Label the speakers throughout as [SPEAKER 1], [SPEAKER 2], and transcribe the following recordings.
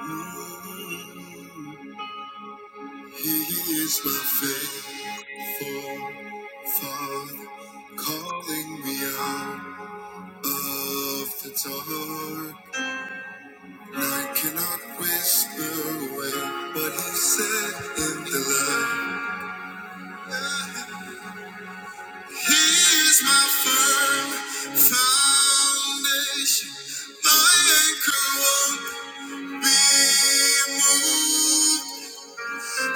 [SPEAKER 1] He is my faithful Father, calling me out of the dark. I cannot whisper away what He said in the light. He is my firm foundation, my anchor won't be moved.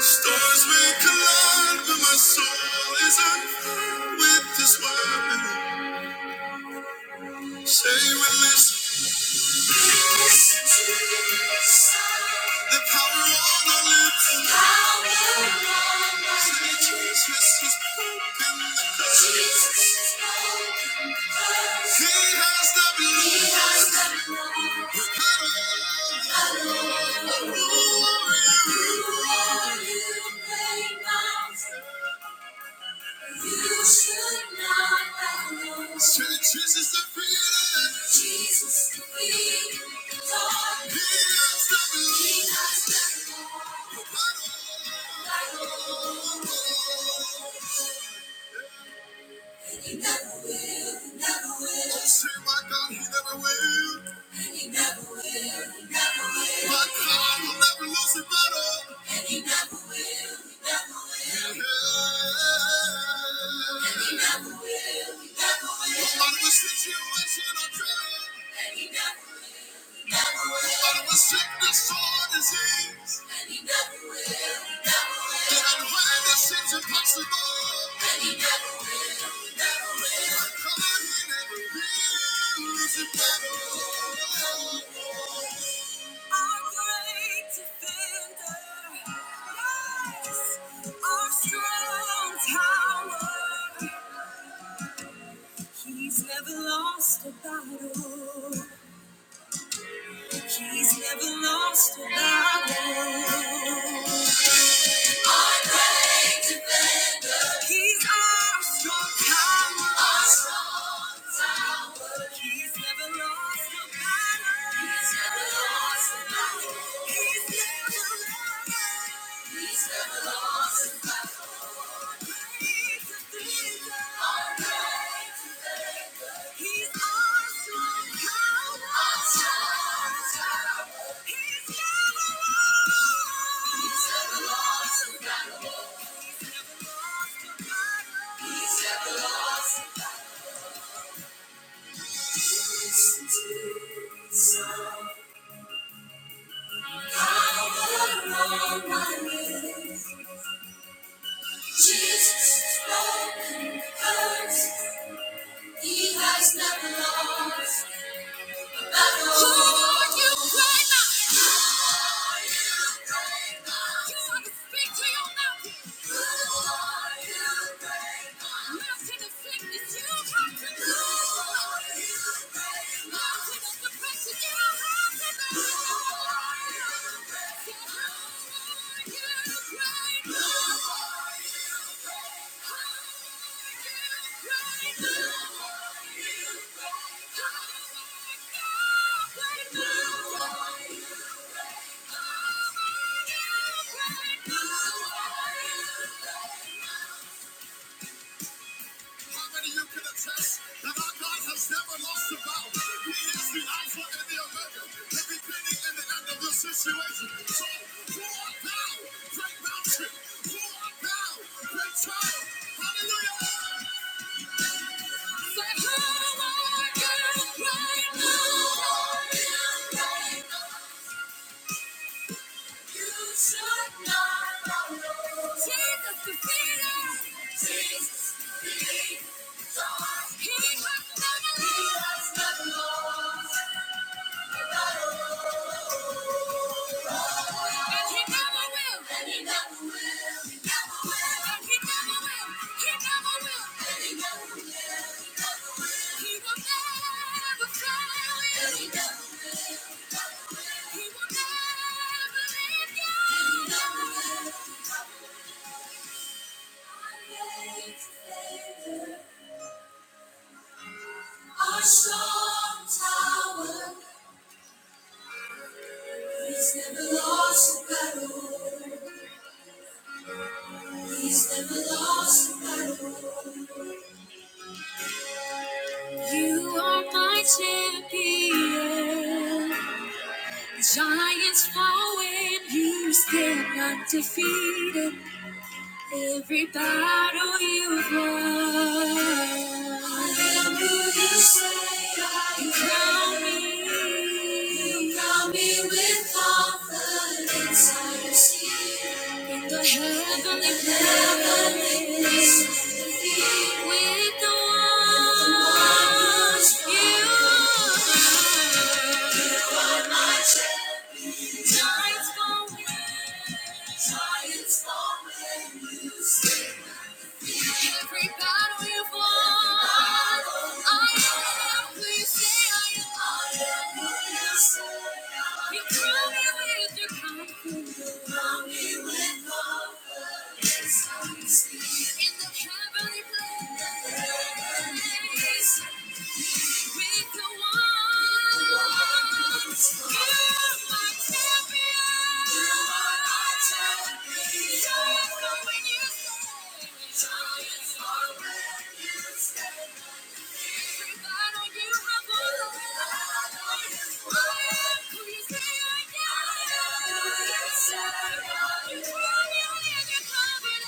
[SPEAKER 1] Stars may collide, but my soul is unfold with this weapon. Say we this, listen to this. The power on our lips. The power on our lips. Jesus has broken the curse. Jesus has broken the curse. He has the blood. He has the blood. The power, the power of you. are, you of you. You should not have known. Sweet Jesus, the freedom. Jesus, the freedom. Lord. He has done it. He has done it all. Oh, oh, oh. And he never will, never will, will. Say my God, He never will. And he never never will, never will. My God will never lose a battle. And he never will, never will. Yeah. And he never will, never will. Nobody will sit you and shit on God. And He Never will never will, was sickness or disease. And he never will, he never will. Did the sins impossible. And he never will, he never will. But Come on, he never will. Is impossible. Our great defender, yes, our strong tower. He's never lost a battle. He's never lost a battle. He's our strong tower. Our strong tower. He's never lost a battle. He's never lost a battle. He's never lost. He's never lost a battle. Our great defender. He's our strong tower. Our strong tower. He's never lost. He's never lost a battle. Peace Who are you right Who are you right Who are right right you How many of you can attest that our God has never lost a battle? He is the Alpha and the Omega, the beginning and the end of the situation. So, pour down, break mountain, pour down, break trial. Hallelujah! Say, "How I can right now." right now. Jesus, and he never will. And he never will. He never will. And he never will. He never will. he will. never fail you. he will. never leave you. Our strong tower, he's never lost a battle. He's never lost a battle. You are my champion. Giants fall when you stand undefeated. Every battle you've won. For me, we will offer inside of Heavenly place. With the ones you are. You are my champion. Giants fall when, giants fall when you stand with me. Every battle you won, I am who you say I am. I am who you say I am. You crown me with your confidence. Crown me with confidence. In the heavenly place. in the heavenly place, when you say, you have the light. Who you say I am? Who you say I am? You know you're in your comfort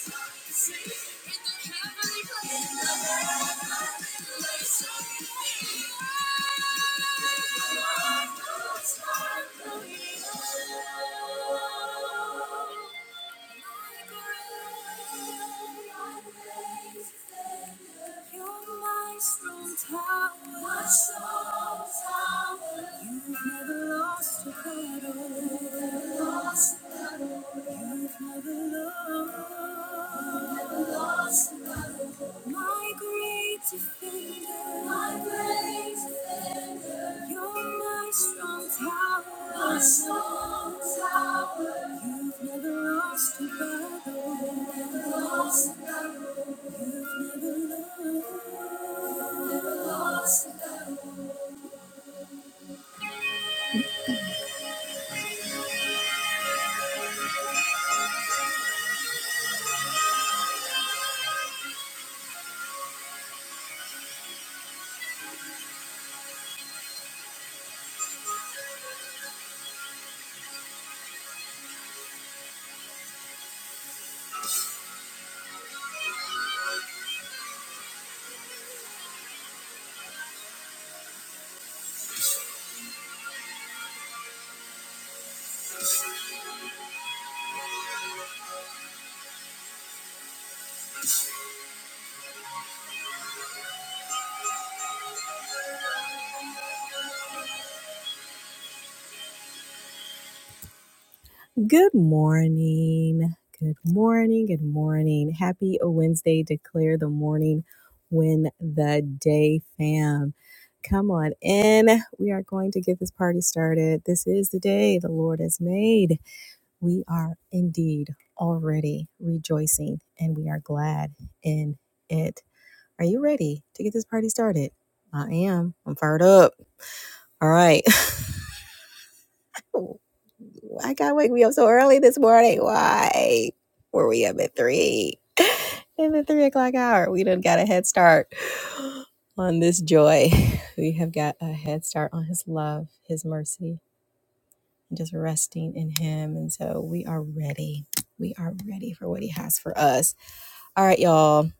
[SPEAKER 1] zone. In the heavenly place, I'm in my place. Who you say I am? I'm a star, a shining star. You're my strong tower. My strong tower. You've never lost a battle. You've Never lost a battle. You've never lost. You've Never lost. My great defender. My great defender. You're my strong tower. My strong tower. You've never lost a battle. never lost a battle. never lost Good morning. Good morning. Good morning. Happy Wednesday. Declare the morning when the day fam. Come on in. We are going to get this party started. This is the day the Lord has made we are indeed already rejoicing and we are glad in it. Are you ready to get this party started? I am. I'm fired up. All right. I gotta wake me up so early this morning. Why were we up at three? In the three o'clock hour, we done got a head start on this joy. We have got a head start on his love, his mercy, and just resting in him. And so we are ready. We are ready for what he has for us. All right, y'all.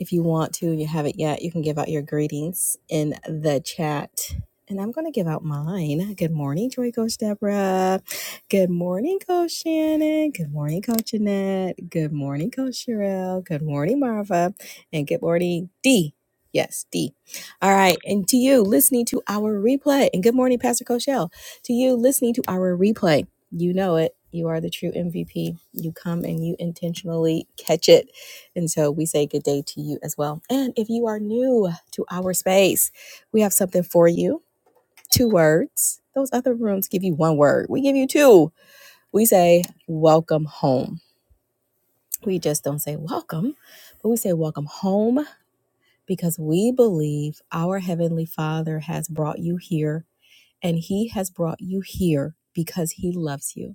[SPEAKER 1] If you want to, and you haven't yet, you can give out your greetings in the chat. And I'm going to give out mine. Good morning, Joy Coach Deborah. Good morning, Coach Shannon. Good morning, Coach Jeanette. Good morning, Coach Sherelle. Good morning, Marva. And good morning, D. Yes, D. All right. And to you listening to our replay, and good morning, Pastor Coachelle. To you listening to our replay, you know it. You are the true MVP. You come and you intentionally catch it and so we say good day to you as well. And if you are new to our space, we have something for you two words. Those other rooms give you one word, we give you two. We say welcome home. We just don't say welcome, but we say welcome home because we believe our Heavenly Father has brought you here and He has brought you here because He loves you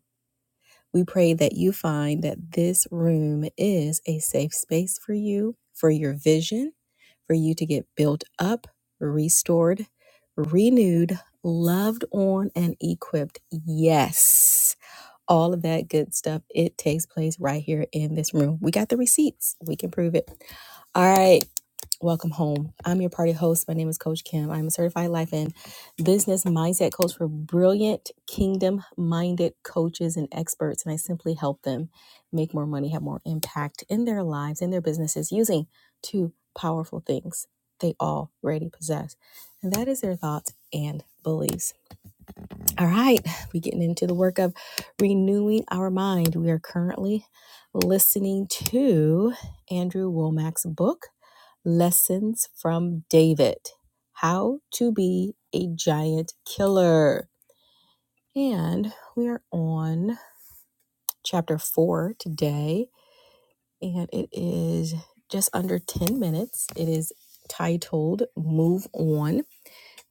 [SPEAKER 1] We pray that you find that this room is a safe space for you, for your vision, for you to get built up, restored, renewed, loved on, and equipped. Yes, all of that good stuff. It takes place right here in this room. We got the receipts, we can prove it. All right. Welcome home. I'm your party host. My name is Coach Kim. I'm a certified life and business mindset coach for brilliant kingdom minded coaches and experts. And I simply help them make more money, have more impact in their lives, in their businesses using two powerful things they already possess. And that is their thoughts and beliefs. All right, we're getting into the work of renewing our mind. We are currently listening to Andrew Womack's book, Lessons from David How to Be a Giant Killer. And we are on chapter four today, and it is just under 10 minutes. It is titled Move On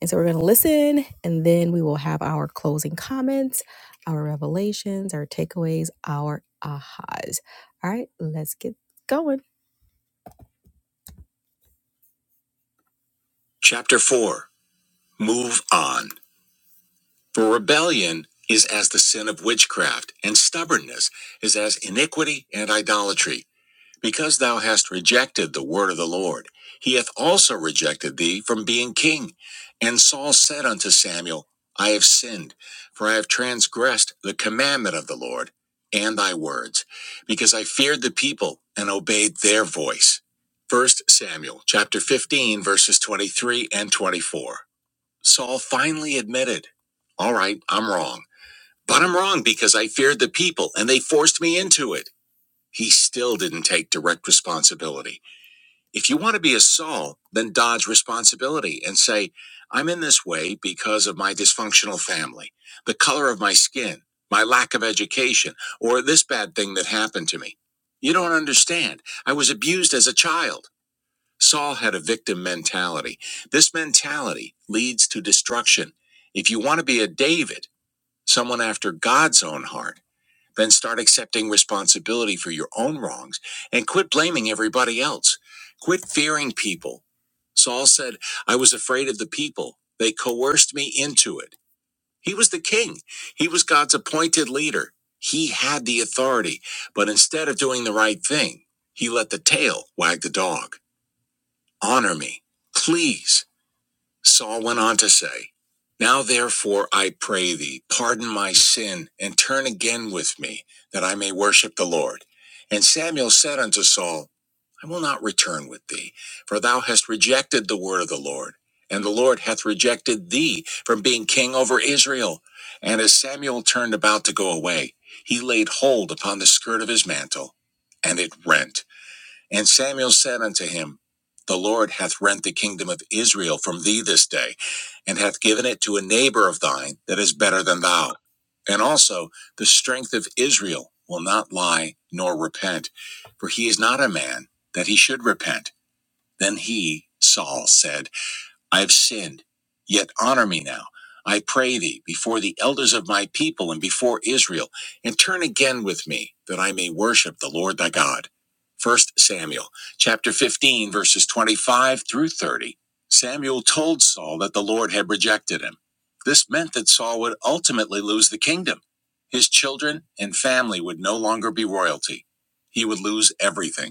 [SPEAKER 1] and so we're going to listen, and then we will have our closing comments, our revelations, our takeaways, our ahas. All right, let's get going. Chapter 4 Move On. For rebellion is as the sin of witchcraft, and stubbornness is as iniquity and idolatry. Because thou hast rejected the word of the Lord, he hath also rejected thee from being king. And Saul said unto Samuel, I have sinned, for I have transgressed the commandment of the Lord and thy words, because I feared the people and obeyed their voice. First Samuel chapter 15 verses 23 and 24. Saul finally admitted, all right, I'm wrong, but I'm wrong because I feared the people and they forced me into it. He still didn't take direct responsibility. If you want to be a Saul, then dodge responsibility and say, I'm in this way because of my dysfunctional family, the color of my skin, my lack of education, or this bad thing that happened to me. You don't understand. I was abused as a child. Saul had a victim mentality. This mentality leads to destruction. If you want to be a David, someone after God's own heart, then start accepting responsibility for your own wrongs and quit blaming everybody else. Quit fearing people. Saul said, I was afraid of the people. They coerced me into it. He was the king, he was God's appointed leader. He had the authority, but instead of doing the right thing, he let the tail wag the dog. Honor me, please. Saul went on to say, Now therefore I pray thee, pardon my sin, and turn again with me, that I may worship the Lord. And Samuel said unto Saul, I will not return with thee, for thou hast rejected the word of the Lord, and the Lord hath rejected thee from being king over Israel. And as Samuel turned about to go away, he laid hold upon the skirt of his mantle, and it rent. And Samuel said unto him, The Lord hath rent the kingdom of Israel from thee this day, and hath given it to a neighbor of thine that is better than thou. And also, the strength of Israel will not lie nor repent, for he is not a man that he should repent. Then he, Saul, said, I have sinned. Yet honor me now, I pray thee, before the elders of my people and before Israel, and turn again with me, that I may worship the Lord thy God. First Samuel chapter 15, verses 25 through 30. Samuel told Saul that the Lord had rejected him. This meant that Saul would ultimately lose the kingdom. His children and family would no longer be royalty. He would lose everything.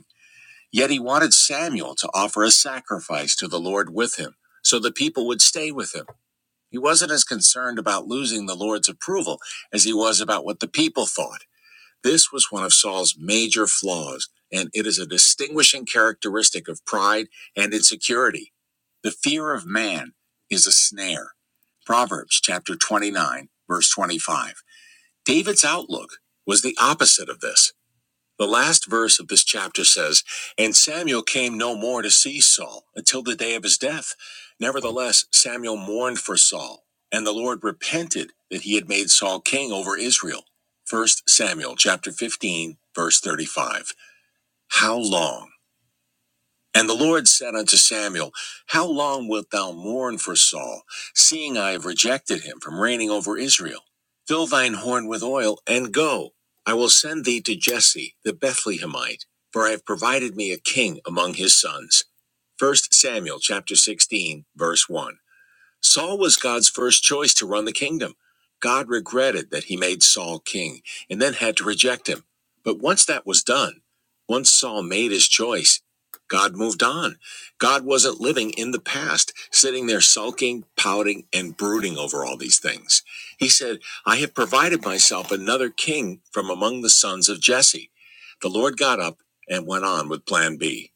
[SPEAKER 1] Yet he wanted Samuel to offer a sacrifice to the Lord with him, so the people would stay with him. He wasn't as concerned about losing the Lord's approval as he was about what the people thought. This was one of Saul's major flaws, and it is a distinguishing characteristic of pride and insecurity. The fear of man is a snare. Proverbs chapter 29, verse 25. David's outlook was the opposite of this. The last verse of this chapter says, And Samuel came no more to see Saul until the day of his death. Nevertheless, Samuel mourned for Saul, and the Lord repented that he had made Saul king over Israel. First Samuel chapter 15, verse 35. How long? And the Lord said unto Samuel, How long wilt thou mourn for Saul, seeing I have rejected him from reigning over Israel? Fill thine horn with oil, and go. I will send thee to Jesse the Bethlehemite, for I have provided me a king among his sons. First Samuel chapter 16, verse 1. Saul was God's first choice to run the kingdom. God regretted that he made Saul king and then had to reject him. But once that was done, once Saul made his choice, God moved on. God wasn't living in the past, sitting there sulking, pouting, and brooding over all these things. He said, I have provided myself another king from among the sons of Jesse. The Lord got up and went on with plan B.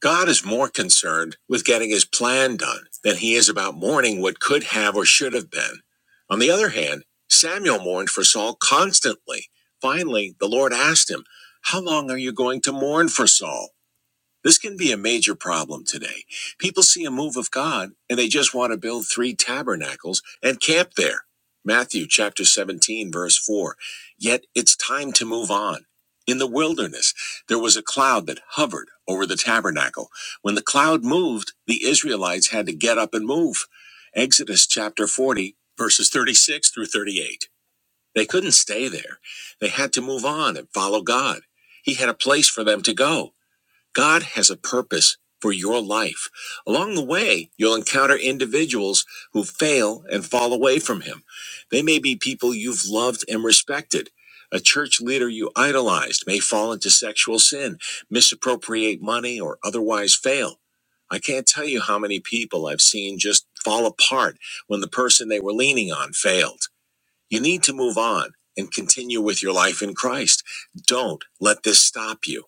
[SPEAKER 1] God is more concerned with getting his plan done than he is about mourning what could have or should have been. On the other hand, Samuel mourned for Saul constantly. Finally, the Lord asked him, How long are you going to mourn for Saul? This can be a major problem today. People see a move of God and they just want to build three tabernacles and camp there. Matthew chapter 17 verse 4. Yet it's time to move on. In the wilderness, there was a cloud that hovered over the tabernacle. When the cloud moved, the Israelites had to get up and move. Exodus chapter 40 verses 36 through 38. They couldn't stay there. They had to move on and follow God. He had a place for them to go. God has a purpose for your life. Along the way, you'll encounter individuals who fail and fall away from Him. They may be people you've loved and respected. A church leader you idolized may fall into sexual sin, misappropriate money, or otherwise fail. I can't tell you how many people I've seen just fall apart when the person they were leaning on failed. You need to move on and continue with your life in Christ. Don't let this stop you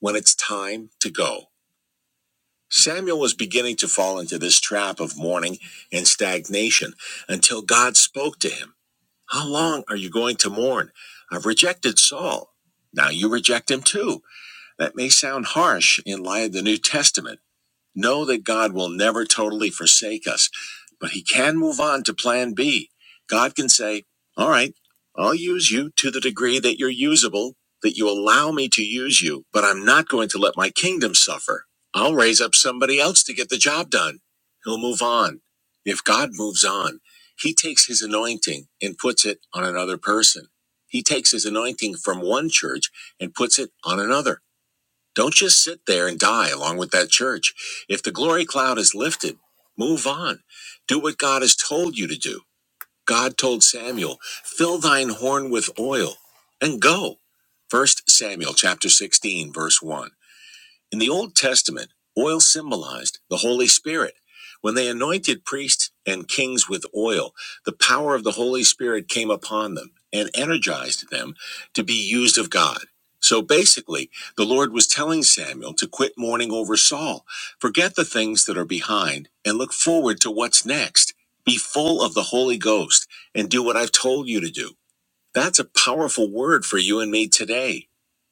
[SPEAKER 1] when it's time to go. Samuel was beginning to fall into this trap of mourning and stagnation until God spoke to him. How long are you going to mourn? I've rejected Saul. Now you reject him too. That may sound harsh in light of the New Testament. Know that God will never totally forsake us, but He can move on to plan B. God can say, All right, I'll use you to the degree that you're usable, that you allow me to use you, but I'm not going to let my kingdom suffer. I'll raise up somebody else to get the job done. He'll move on. If God moves on, He takes His anointing and puts it on another person. He takes His anointing from one church and puts it on another. Don't just sit there and die along with that church. If the glory cloud is lifted, move on. Do what God has told you to do. God told Samuel, fill thine horn with oil and go. First Samuel chapter 16 verse 1. In the Old Testament, oil symbolized the Holy Spirit. When they anointed priests and kings with oil, the power of the Holy Spirit came upon them and energized them to be used of God. So basically, the Lord was telling Samuel to quit mourning over Saul, forget the things that are behind, and look forward to what's next. Be full of the Holy Ghost and do what I've told you to do. That's a powerful word for you and me today.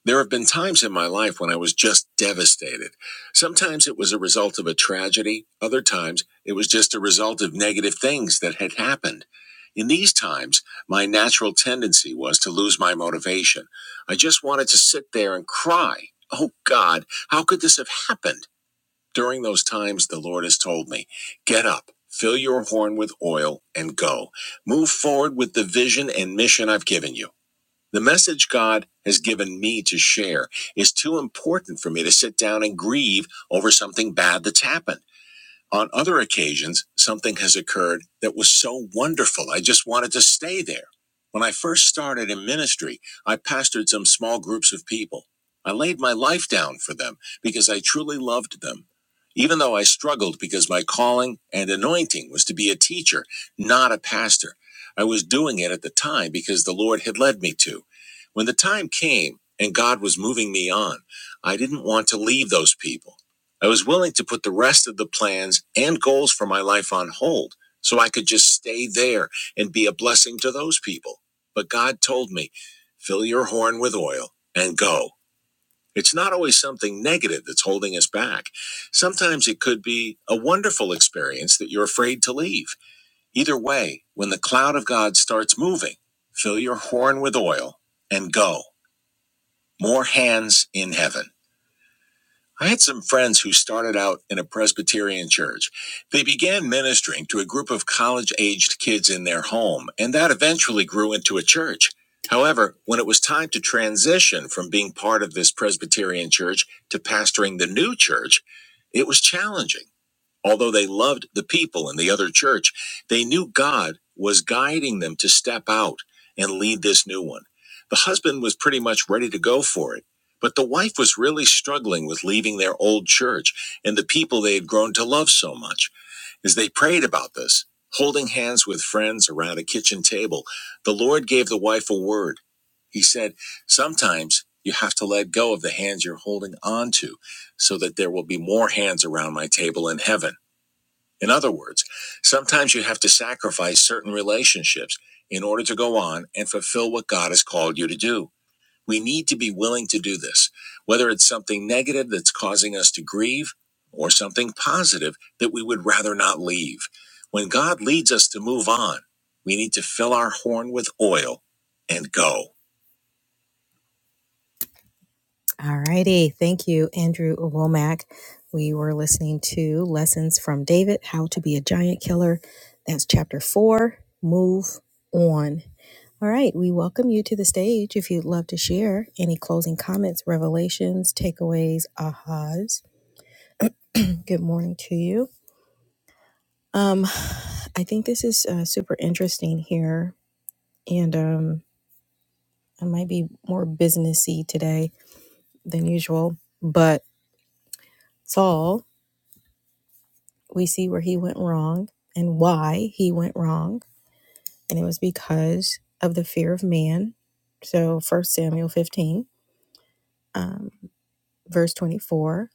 [SPEAKER 1] There have been times in my life when I was just devastated. Sometimes it was a result of a tragedy, other times it was just a result of negative things that had happened. In these times, my natural tendency was to lose my motivation. I just wanted to sit there and cry. Oh God, how could this have happened? During those times, the Lord has told me, get up, fill your horn with oil, and go. Move forward with the vision and mission I've given you. The message God has given me to share is too important for me to sit down and grieve over something bad that's happened. On other occasions, something has occurred that was so wonderful, I just wanted to stay there. When I first started in ministry, I pastored some small groups of people. I laid my life down for them because I truly loved them. Even though I struggled because my calling and anointing was to be a teacher, not a pastor, I was doing it at the time because the Lord had led me to. When the time came and God was moving me on, I didn't want to leave those people. I was willing to put the rest of the plans and goals for my life on hold so I could just stay there and be a blessing to those people. But God told me, fill your horn with oil and go. It's not always something negative that's holding us back. Sometimes it could be a wonderful experience that you're afraid to leave. Either way, when the cloud of God starts moving, fill your horn with oil and go. More hands in heaven. I had some friends who started out in a Presbyterian church. They began ministering to a group of college aged kids in their home, and that eventually grew into a church. However, when it was time to transition from being part of this Presbyterian church to pastoring the new church, it was challenging. Although they loved the people and the other church, they knew God was guiding them to step out and lead this new one. The husband was pretty much ready to go for it, but the wife was really struggling with leaving their old church and the people they had grown to love so much. As they prayed about this, holding hands with friends around a kitchen table, the Lord gave the wife a word. He said, Sometimes you have to let go of the hands you're holding on to so that there will be more hands around my table in heaven. In other words, sometimes you have to sacrifice certain relationships in order to go on and fulfill what God has called you to do. We need to be willing to do this, whether it's something negative that's causing us to grieve or something positive that we would rather not leave. When God leads us to move on, we need to fill our horn with oil and go. All righty. Thank you, Andrew Womack. We were listening to Lessons from David How to Be a Giant Killer. That's chapter four. Move on. All right. We welcome you to the stage if you'd love to share any closing comments, revelations, takeaways, ahas. Good morning to you. Um, I think this is uh, super interesting here, and um, I might be more businessy today than usual, but Saul. we see where he went wrong and why he went wrong. And it was because of the fear of man. So, First Samuel 15, um, verse 24.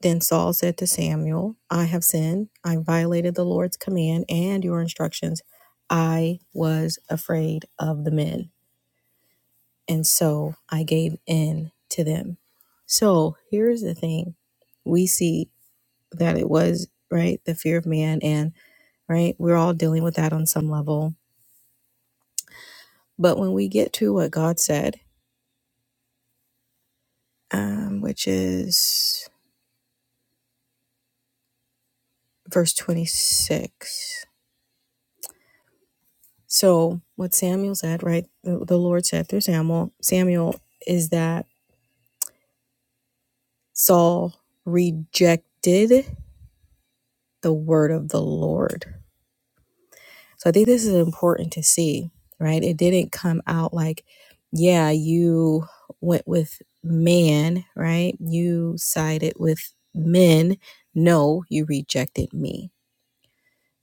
[SPEAKER 1] Then Saul said to Samuel, I have sinned. I violated the Lord's command and your instructions. I was afraid of the men. And so I gave in to them. So, here's the thing we see that it was, right, the fear of man. And, right, we're all dealing with that on some level But when we get to what God said, um, which is verse 26. So what Samuel said, right? The, the Lord said through Samuel, Samuel is that Saul rejected the word of the Lord. So I think this is important to see, right? It didn't come out like, yeah, you went with man, right? You sided with men. No, you rejected me.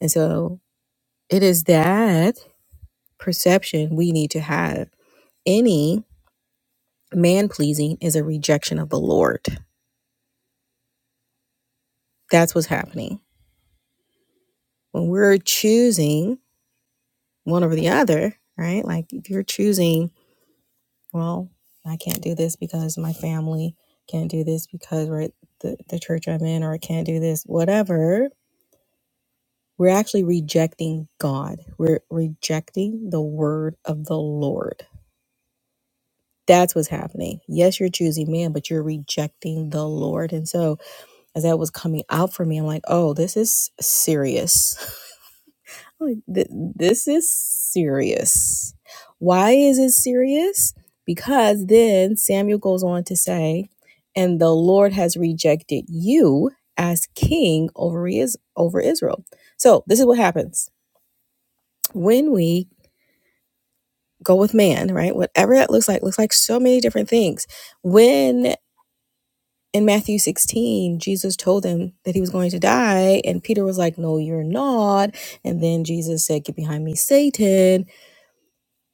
[SPEAKER 1] And so It is that perception we need to have. Any man pleasing is a rejection of the Lord. That's what's happening. When we're choosing one over the other, right? Like if you're choosing, well, I can't do this because my family can't do this because we're at the, the church I'm in, or I can't do this, whatever. We're actually rejecting God. We're rejecting the word of the Lord That's what's happening. Yes, you're choosing man, but you're rejecting the Lord. And so, as that was coming out for me, I'm like, oh, this is serious. Like, This is serious. Why is it serious? Because then Samuel goes on to say, and the Lord has rejected you as king over, is- over Israel. So, this is what happens when we go with man, right? Whatever that looks like, looks like so many different things when. in Matthew 16, Jesus told them that he was going to die, and Peter was like, No, you're not. And then Jesus said, Get behind me, Satan.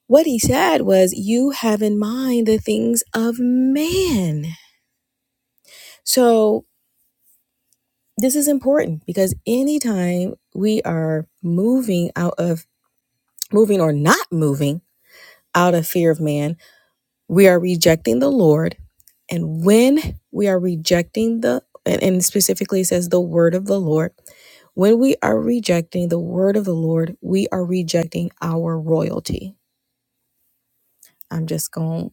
[SPEAKER 1] What he said was, You have in mind the things of man. So this is important because anytime we are moving out of moving or not moving out of fear of man, we are rejecting the Lord. And when we are rejecting the, and specifically it says the word of the Lord, When we are rejecting the word of the Lord, we are rejecting our royalty. I'm just going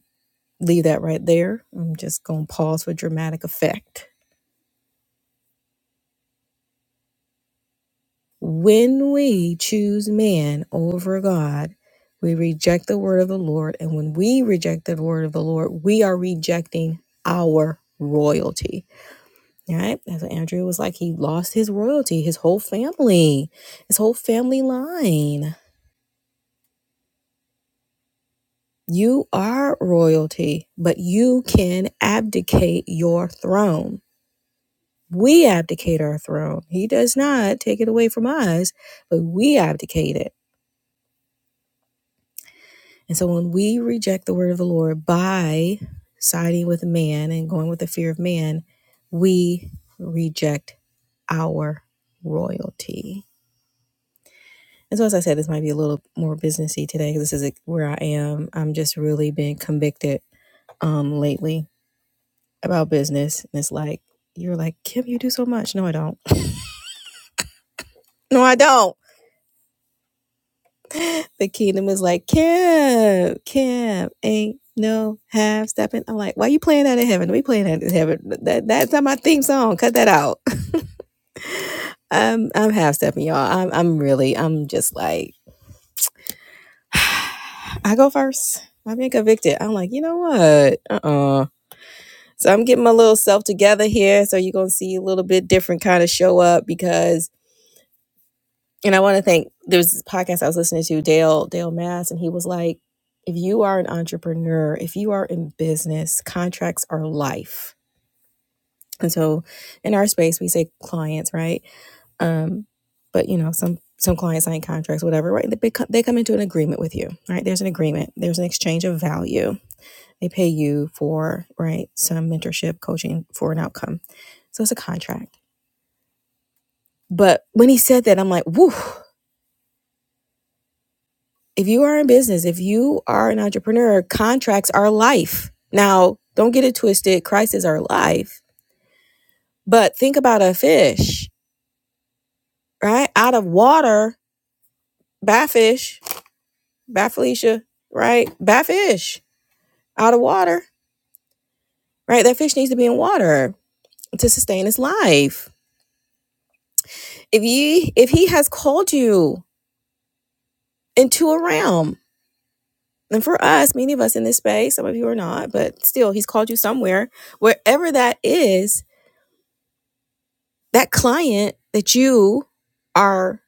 [SPEAKER 1] to leave that right there. I'm just going to pause for dramatic effect. When we choose man over God, we reject the word of the Lord. And when we reject the word of the Lord, we are rejecting our royalty. All right? That's what Andrew was like. He lost his royalty, his whole family, his whole family line. You are royalty, but you can abdicate your throne. We abdicate our throne. He does not take it away from us, but we abdicate it. And so when we reject the word of the Lord by siding with man and going with the fear of man, we reject our royalty. And so, as I said, this might be a little more businessy today because this is like, where I am. I'm just really being convicted um, lately about business and it's like you're like kim you do so much no i don't no i don't the kingdom is like kim kim ain't no half stepping i'm like why you playing that in heaven we playing that in heaven that, that's not my theme song cut that out i'm i'm half stepping y'all i'm i'm really i'm just like i go first i'm being convicted i'm like you know what uh-uh so i'm getting my little self together here so you're gonna see a little bit different kind of show up because and I want to thank there was this podcast I was listening to Dale Dale Mass and he was like if you are an entrepreneur if you are in business contracts are life and so in our space we say clients right um but you know some some clients sign contracts whatever right they they come into an agreement with you right there's an agreement there's an exchange of value they pay you for right some mentorship coaching for an outcome so it's a contract but when he said that I'm like woo. if you are in business, if you are an entrepreneur, contracts are life. Now, don't get it twisted. Crises are life. But think about a fish, right? Out of water, bafish, bafelicia, right? Bafish, out of water, right? That fish needs to be in water to sustain its life. If he, if he has called you into a realm, and for us, many of us in this space, some of you are not, but still, he's called you somewhere, wherever that is, that client that you are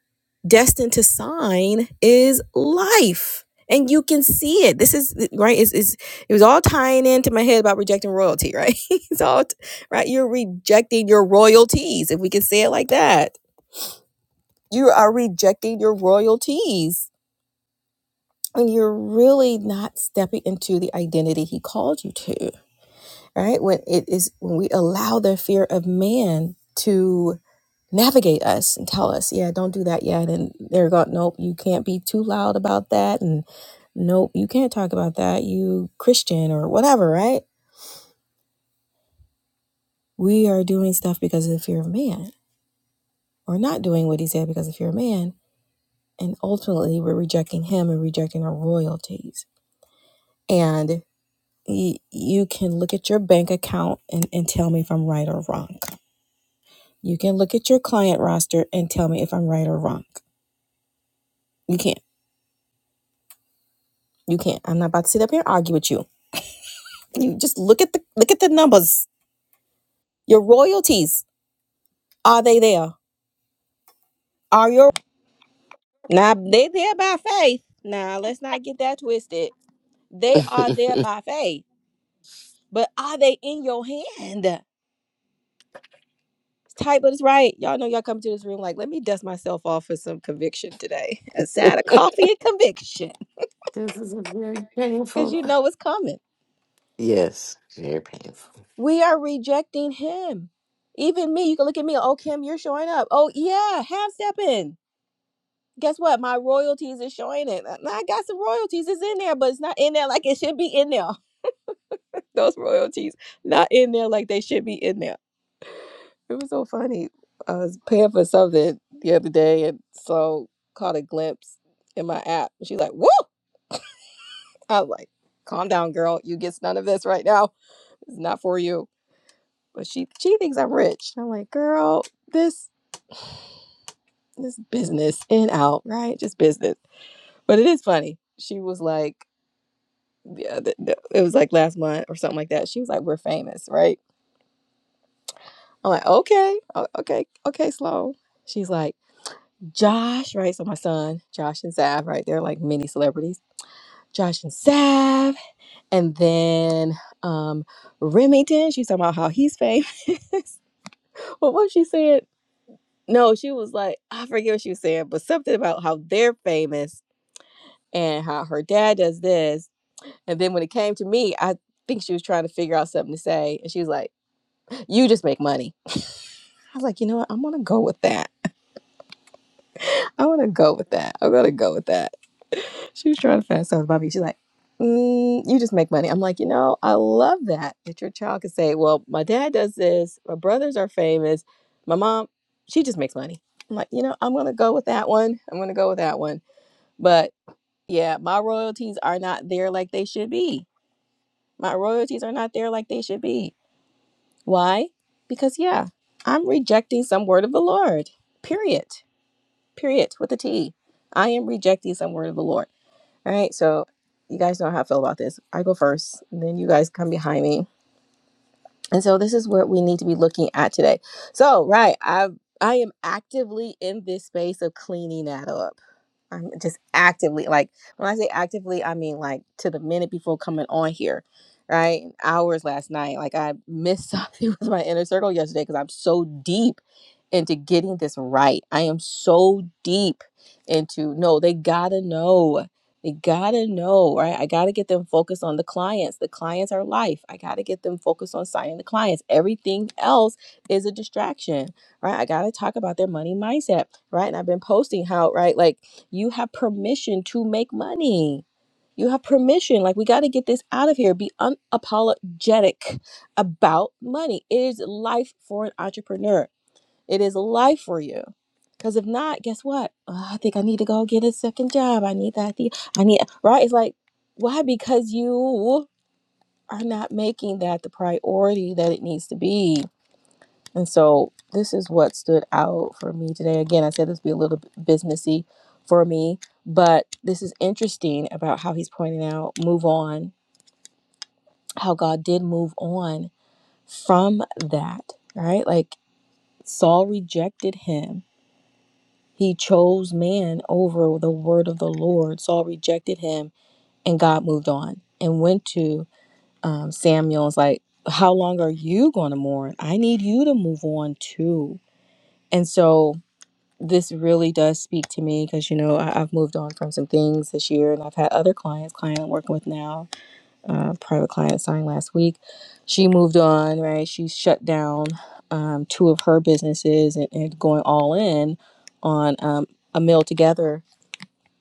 [SPEAKER 1] destined to sign is life and you can see it this is right it's, it's, it was all tying into my head about rejecting royalty right it's all right, you're rejecting your royalties if we can say it like that you are rejecting your royalties and you're really not stepping into the identity he called you to right when it is when we allow the fear of man to. navigate us and tell us, yeah, don't do that yet. And they're going, nope, you can't be too loud about that. And nope, you can't talk about that. You Christian or whatever, right? We are doing stuff because of the fear of man or not doing what he said because of fear of man. And ultimately, we're rejecting him and rejecting our royalties. And y- you can look at your bank account and, and tell me if I'm right or wrong. You can look at your client roster and tell me if I'm right or wrong. You can't. You can't. I'm not about to sit up here and argue with you and you just look at the look at the numbers. Your royalties are they there? Are your now they there by faith? Now let's not get that twisted. They are there by faith, but are they in your hand? Type but it's right. Y'all know y'all come to this room like, let me dust myself off for some conviction today. A side of coffee and conviction,
[SPEAKER 2] This is a very
[SPEAKER 1] because
[SPEAKER 2] painful.
[SPEAKER 1] you know it's coming.
[SPEAKER 2] yes, very painful.
[SPEAKER 1] We are rejecting him. Even me, you can look at me. Oh, Kim, you're showing up. Oh, yeah, half stepping. guess what? My royalties is showing it. I got some royalties. It's in there, but it's not in there like it should be in there. Those royalties not in there like they should be in there. It was so funny. I was paying for something the other day and so caught a glimpse in my app. She's like, Woo! I was like, calm down, girl. You get none of this right now. It's not for you. But she she thinks I'm rich. I'm like, girl, this this business in out, right? Just business. But it is funny. She was like, yeah, th- th- it was like last month or something like that. She was like, "We're famous, right?" I'm like, "Okay, okay, okay, slow." She's like, "Josh, right?" So my son, Josh and Sav, right? They're like mini celebrities. Josh and Sav, and then um Remington. She's talking about how he's famous. well, what she said? No, she was like, I forget what she was saying, but something about how they're famous and how her dad does this. And then when it came to me, I think she was trying to figure out something to say, and she was like You just make money. I was like, you know what? I'm gonna go with that. i want to go with that. I'm gonna go with that. She was trying to find something about me. She's like, mm, you just make money. I'm like, you know, I love that that your child can say, well, my dad does this. My brothers are famous. My mom, she just makes money. I'm like, you know, I'm gonna go with that one. I'm gonna go with that one. But yeah, my royalties are not there like they should be. My royalties are not there like they should be. Why? Because yeah, I'm rejecting some word of the Lord. Period. period with a T. I am rejecting some word of the Lord. All right, so you guys know how I feel about this. I go first, and then you guys come behind me. And so this is what we need to be looking at today. So right, I I am actively in this space of cleaning that up. I'm just actively like when I say actively, I mean like to the minute before coming on here, right? Hours last night, like I missed something with my inner circle yesterday because I'm so deep into getting this right. I am so deep into no, they gotta know. They gotta know, right? I gotta get them focused on the clients. The clients are life. I gotta get them focused on signing the clients. Everything else is a distraction, right? I gotta talk about their money mindset, right? And I've been posting how, right? Like you have permission to make money. You have permission. Like, we got to get this out of here. Be unapologetic about money. It is life for an entrepreneur, it is life for you. Because if not, guess what? "Oh, I think I need to go get a second job. I need that. the- I need, right? It's like, why? Because you are not making that the priority that it needs to be and so this is what stood out for me today. Again, I said this would be a little bit businessy for me, but this is interesting about how he's pointing out move on, how God did move on from that, right? Like Saul rejected him. He chose man over the word of the Lord. Saul rejected him, and God moved on and went to um, Samuel. and was like, "How long are you going to mourn? I need you to move on too." And so this really does speak to me because you know I, I've moved on from some things this year, and I've had other clients, client I'm working with now, uh, private client signed last week. She moved on, right? She shut down um, two of her businesses and, and going all in on um, a meal together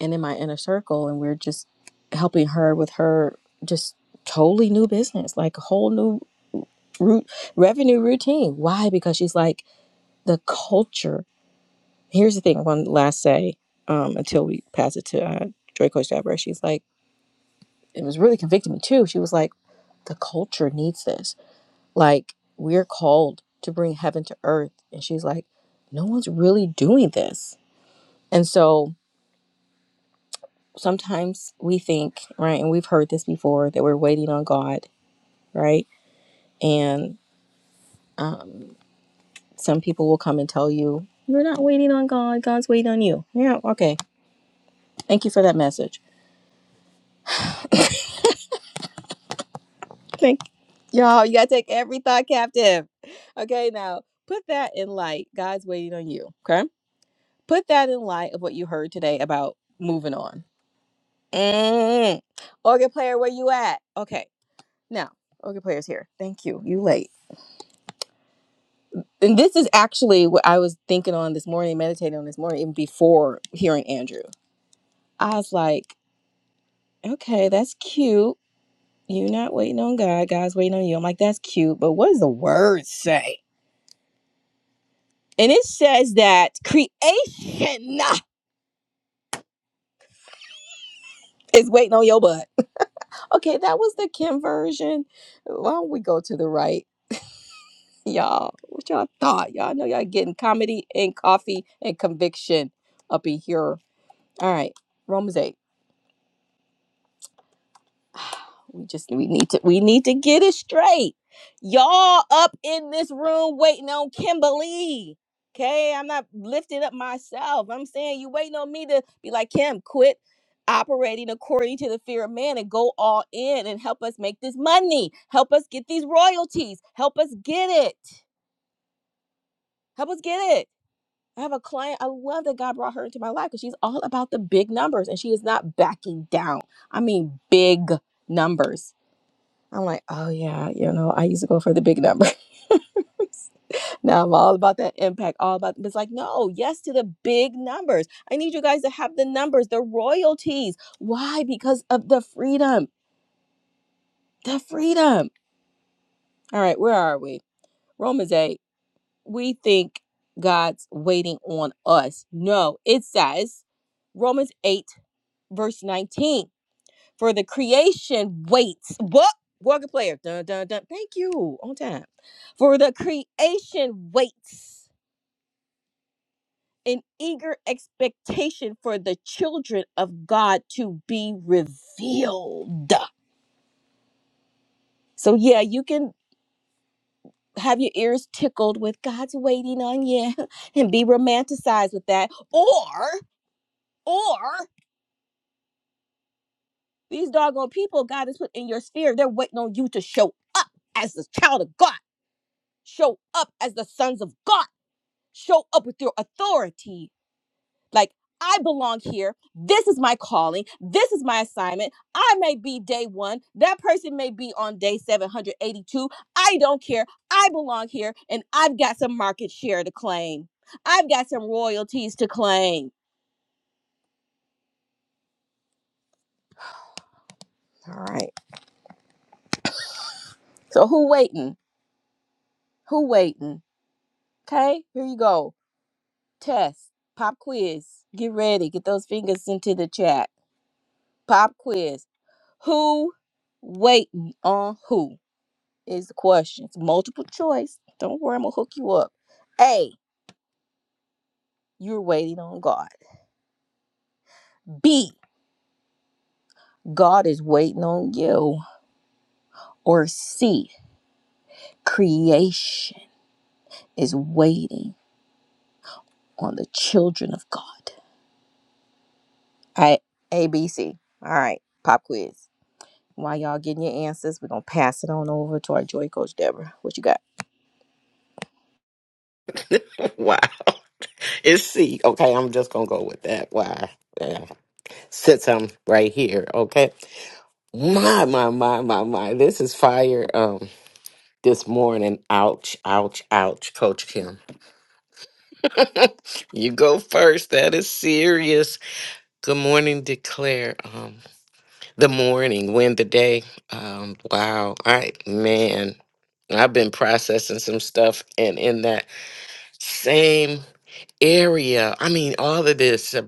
[SPEAKER 1] and in my inner circle, and we're just helping her with her just totally new business, like a whole new root revenue routine. Why? Because she's like the culture Here's the thing. One last say um, until we pass it to uh, Joy Coach Deborah. She's like, it was really convicting me too. She was like, the culture needs this. Like, we're called to bring heaven to earth. And she's like, no one's really doing this. And so sometimes we think, right, and we've heard this before, that we're waiting on God, right? And uh, some people will come and tell you, you're not waiting on God, God's waiting on you. Yeah, okay. Thank you for that message Thank. Y'all, you gotta take every thought captive. Okay, now put that in light. God's waiting on you. Okay, put that in light of what you heard today about moving on. Mm. Organ player, where you at? Okay, now organ player's here. Thank you. You late. And this is actually what I was thinking on this morning, meditating on this morning, even before hearing Andrew. I was like, okay, that's cute. You're not waiting on God. God's waiting on you. I'm like, that's cute, but what does the word say? And it says that creation is waiting on your butt. Okay, that was the Kim version. Why don't we go to the right, y'all? What y'all thought? Y'all know y'all getting comedy and coffee and conviction up in here. All right, Romans 8. we just we need to we need to get it straight y'all up in this room waiting on kimberly okay i'm not lifting up myself i'm saying you waiting on me to be like kim quit operating according to the fear of man and go all in and help us make this money help us get these royalties help us get it help us get it i have a client i love that god brought her into my life because she's all about the big numbers and she is not backing down i mean big numbers I'm like, oh yeah, you know, I used to go for the big numbers. now I'm all about that impact, all about it's like, no, yes to the big numbers. I need you guys to have the numbers, the royalties. Why? Because of the freedom. The freedom. All right, where are we? Romans 8. We think God's waiting on us. No, it says Romans 8, verse 19. for the creation waits. What? Walker player. Dun dun dun. Thank you. On time. For the creation waits in eager expectation for the children of God to be revealed. So yeah, you can have your ears tickled with God's waiting on you and be romanticized with that. Or, or these doggone people God has put in your sphere, they're waiting on you to show up as the child of God. Show up as the sons of God show up with your authority. Like, I belong here. This is my calling. This is my assignment. I may be day one. That person may be on day 782. I don't care. I belong here and I've got some market share to claim. I've got some royalties to claim. All right. So, who waiting? Who waiting? Okay. Here you go. Test, pop quiz. Get ready. Get those fingers into the chat. Pop quiz. Who waiting on who? is the questions. Multiple choice. Don't worry, I'm gonna hook you up. A, you're waiting on God. B, God is waiting on you. Or C, creation is waiting on the children of God. I A B C. All right, pop quiz. While y'all getting your answers, we're gonna pass it on over to our joy coach Deborah. What you got?
[SPEAKER 2] wow. It's C. Okay, I'm just gonna go with that. Why? Yeah. Since I'm right here, okay. My my my my my. This is fire. Um, this morning. Ouch! Ouch! Ouch! Coach Kim, you go first. That is serious. Good morning, declare. Um. The morning, win the day. Um, wow. I man, I've been processing some stuff and in that same area. I mean, all of this. uh,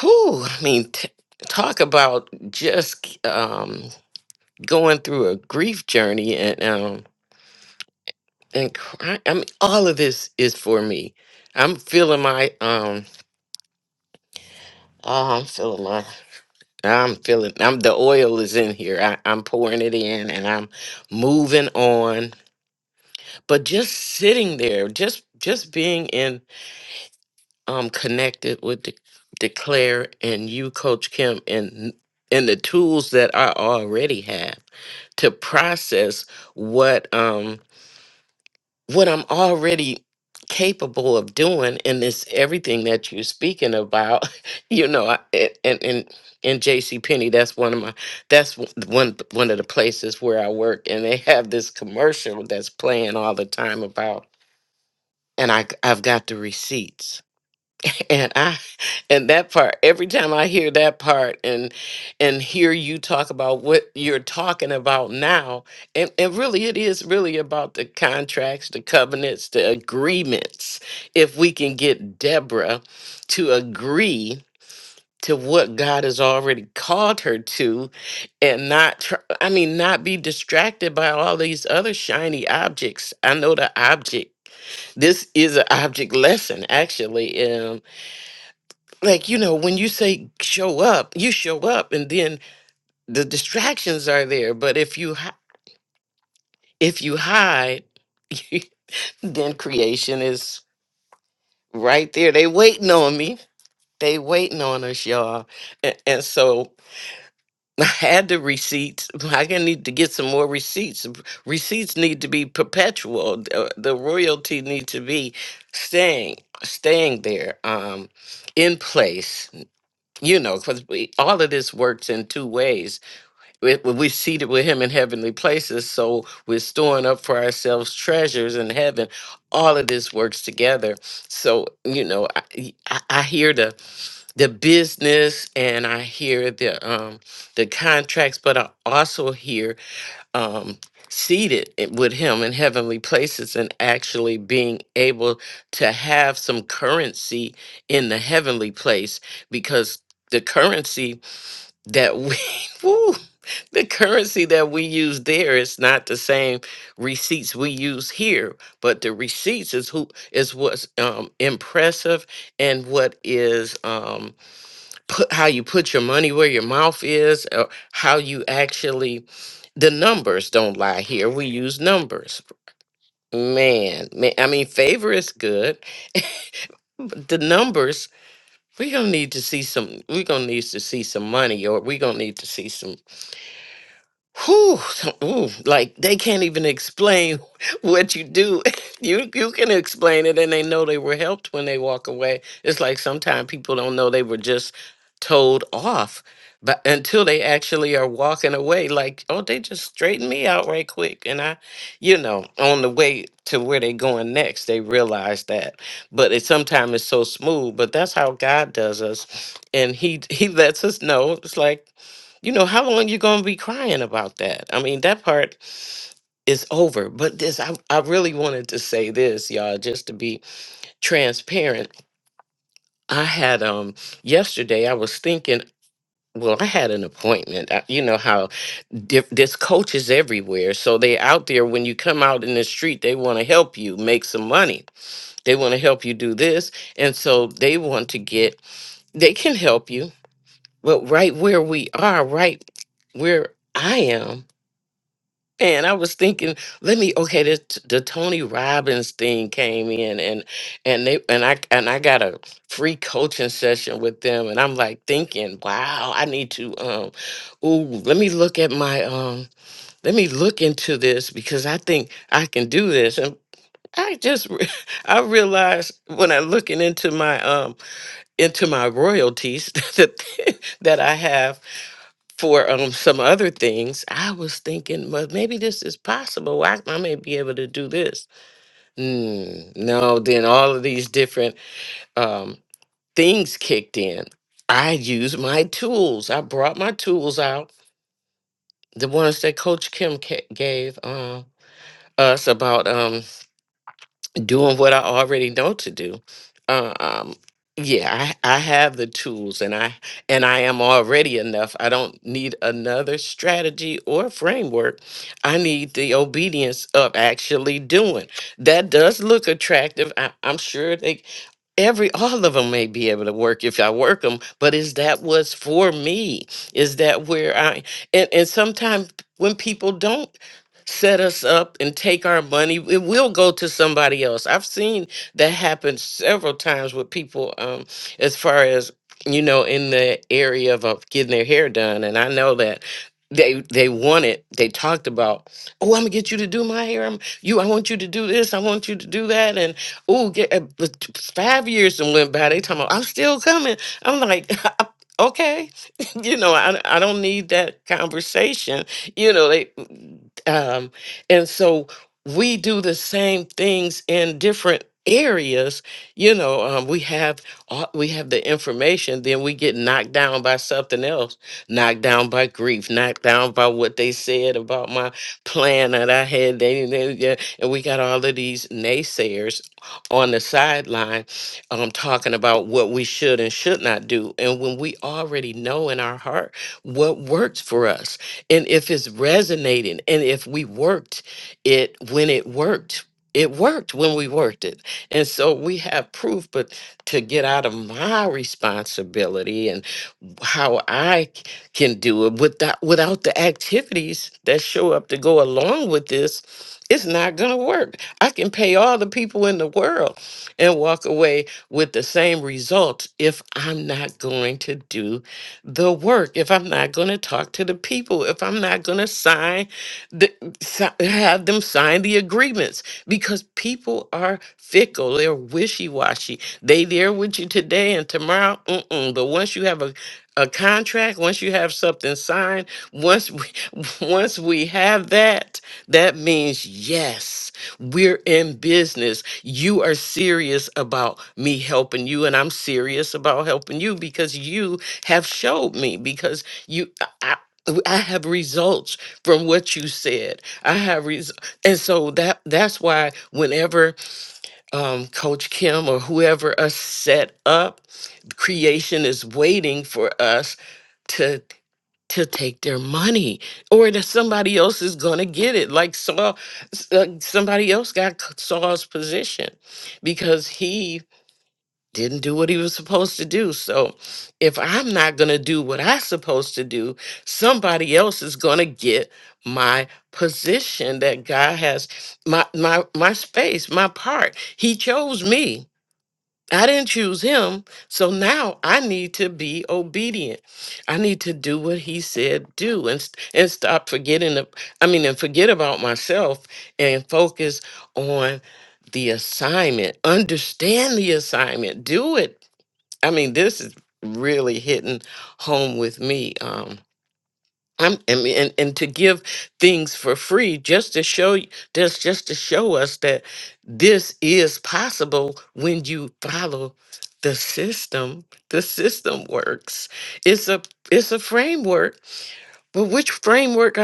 [SPEAKER 2] Whew, I mean, t- talk about just um going through a grief journey and um and cry. I mean, all of this is for me. I'm feeling my um oh, I'm feeling my I'm feeling I'm the oil is in here. I, I'm pouring it in and I'm moving on but just sitting there just just being in um connected with De- declare and you coach kim and and the tools that i already have to process what um what i'm already capable of doing and this everything that you're speaking about you know I, and and and in jc Penney, that's one of my that's w- one one of the places where i work and they have this commercial that's playing all the time and I I've got the receipts. And I and that part every time I hear that part and and hear you talk about what you're talking about now and and really it is really about the contracts, the covenants, the agreements. If we can get Deborah to agree to what God has already called her to and not tr- I mean not be distracted by all these other shiny objects. I know the object this is an object lesson actually um like you know when you say show up you show up and then the distractions are there but if you hi- if you hide then creation is right there they waiting on me they waiting on us y'all and, and so i had the receipts i gonna need to get some more receipts receipts need to be perpetual the, the royalty need to be staying staying there um in place you know, because we all of this works in two ways. We, we're seated with Him in heavenly places, so we're storing up for ourselves treasures in heaven. All of this works together. So you know, I, I I hear the the business and I hear the um the contracts, but I also hear um, seated i- with him in heavenly places and actually being able to have some currency in the heavenly place because the currency that we woo, the currency that we use there is not the same receipts we use here but the receipts is who is what's um, impressive and what is um, put how you put your money where your mouth is or how you actually the numbers don't lie here we use numbers man, man i mean favor is good but the numbers we're gonna need to see some we're gonna need to see some money or we're gonna need to see some Whew, ooh, like they can't even explain what you do. You you can explain it, and they know they were helped when they walk away. It's like sometimes people don't know they were just told off, but until they actually are walking away, like oh, they just straightened me out right quick, and I, you know, on the way to where they going next, they realize that. But it sometimes it's so smooth. But that's how God does us, and he he lets us know. It's like you know how long you gonna be crying about that i mean that part is over but this i, I really wanted to say this y'all just to be transparent i had um yesterday i was thinking well i had an appointment I, you know how diff- this coach is everywhere so they out there when you come out in the street they want to help you make some money they want to help you do this and so they want to get they can help you but right where we are right where i am And I was thinking, let me okay. The, the Tony Robbins thing came in, and and they and I and I got a free coaching session with them, and I'm like thinking, wow, I need to um, ooh, let me look at my um, let me look into this because I think I can do this, and I just re- I realized when I looking into my um into my royalties that that I have for um some other things, I was thinking, well, maybe this is possible. I, I may be able to do this. Mm, no, then all of these different um things kicked in. I used my tools. I brought my tools out, the ones that Coach Kim ca- gave uh, us about. um, doing what I already know to do. Uh, Um, yeah, I, I have the tools, and I and I am already enough. I don't need another strategy or framework. I need the obedience of actually doing. That does look attractive. I, I'm sure they every all of them may be able to work if i work them but is that what's for me is that where i and, and sometimes when people don't set us up and take our money it will go to somebody else i've seen that happen several times with people um as far as you know in the area of, of getting their hair done and i know that they they want it they talked about oh i'm gonna get you to do my hair i'm you i want you to do this i want you to do that Ooh, get uh, the t- five years and went by. They talking about I'm still coming. I'm like, okay, you know, I I don't need that conversation. You know, they um, and so we do the same things in different areas. You know, um, we have all- we have the information, then we get knocked down by something else, knocked down by grief, knocked down by what they said about my plan that I had. They, they, yeah, and we got all of these naysayers on the sideline um, talking about what we should and should not do. And when we already know in our heart what works for us, and if it's resonating and if we worked it when it worked it worked when we worked it and so we have proof but to get out of my responsibility how I c- can do it without without the activities that show up to go along with this, it's not gonna work. I can pay all the people in the world and walk away with the same results if I'm not going to do the work, if I'm not gonna talk to the people, if I'm not gonna sign the si- have them sign the agreements because people are fickle, they're wishy-washy. They there with you today and tomorrow, mm-mm. But once you have a a contract once you have something signed once we once we have that that means yes we're in business you are serious about me helping you and i'm serious about helping you because you have showed me because you i, I I have results from what you said. I have res- and so that that's why whenever um, Coach Kim or whoever us set up creation is waiting for us to to take their money or that somebody else is going to get it like Saul s- uh, somebody else got c- Saul's position because he didn't do what he was supposed to do so if I'm not going to do what I'm supposed to do somebody else is going to get my position that God has my my my space my part he chose me I didn't choose him, so now I need to be obedient. I need to do what he said do and st- and stop forgetting the, I mean and forget about myself and focus on the assignment. Understand the assignment. Do it. I mean this is really hitting home with me. Um, I'm, I mean, and, and to give things for free just to show y- just just to show us that this is possible when you follow the system. The system works. It's a it's a framework, but which framework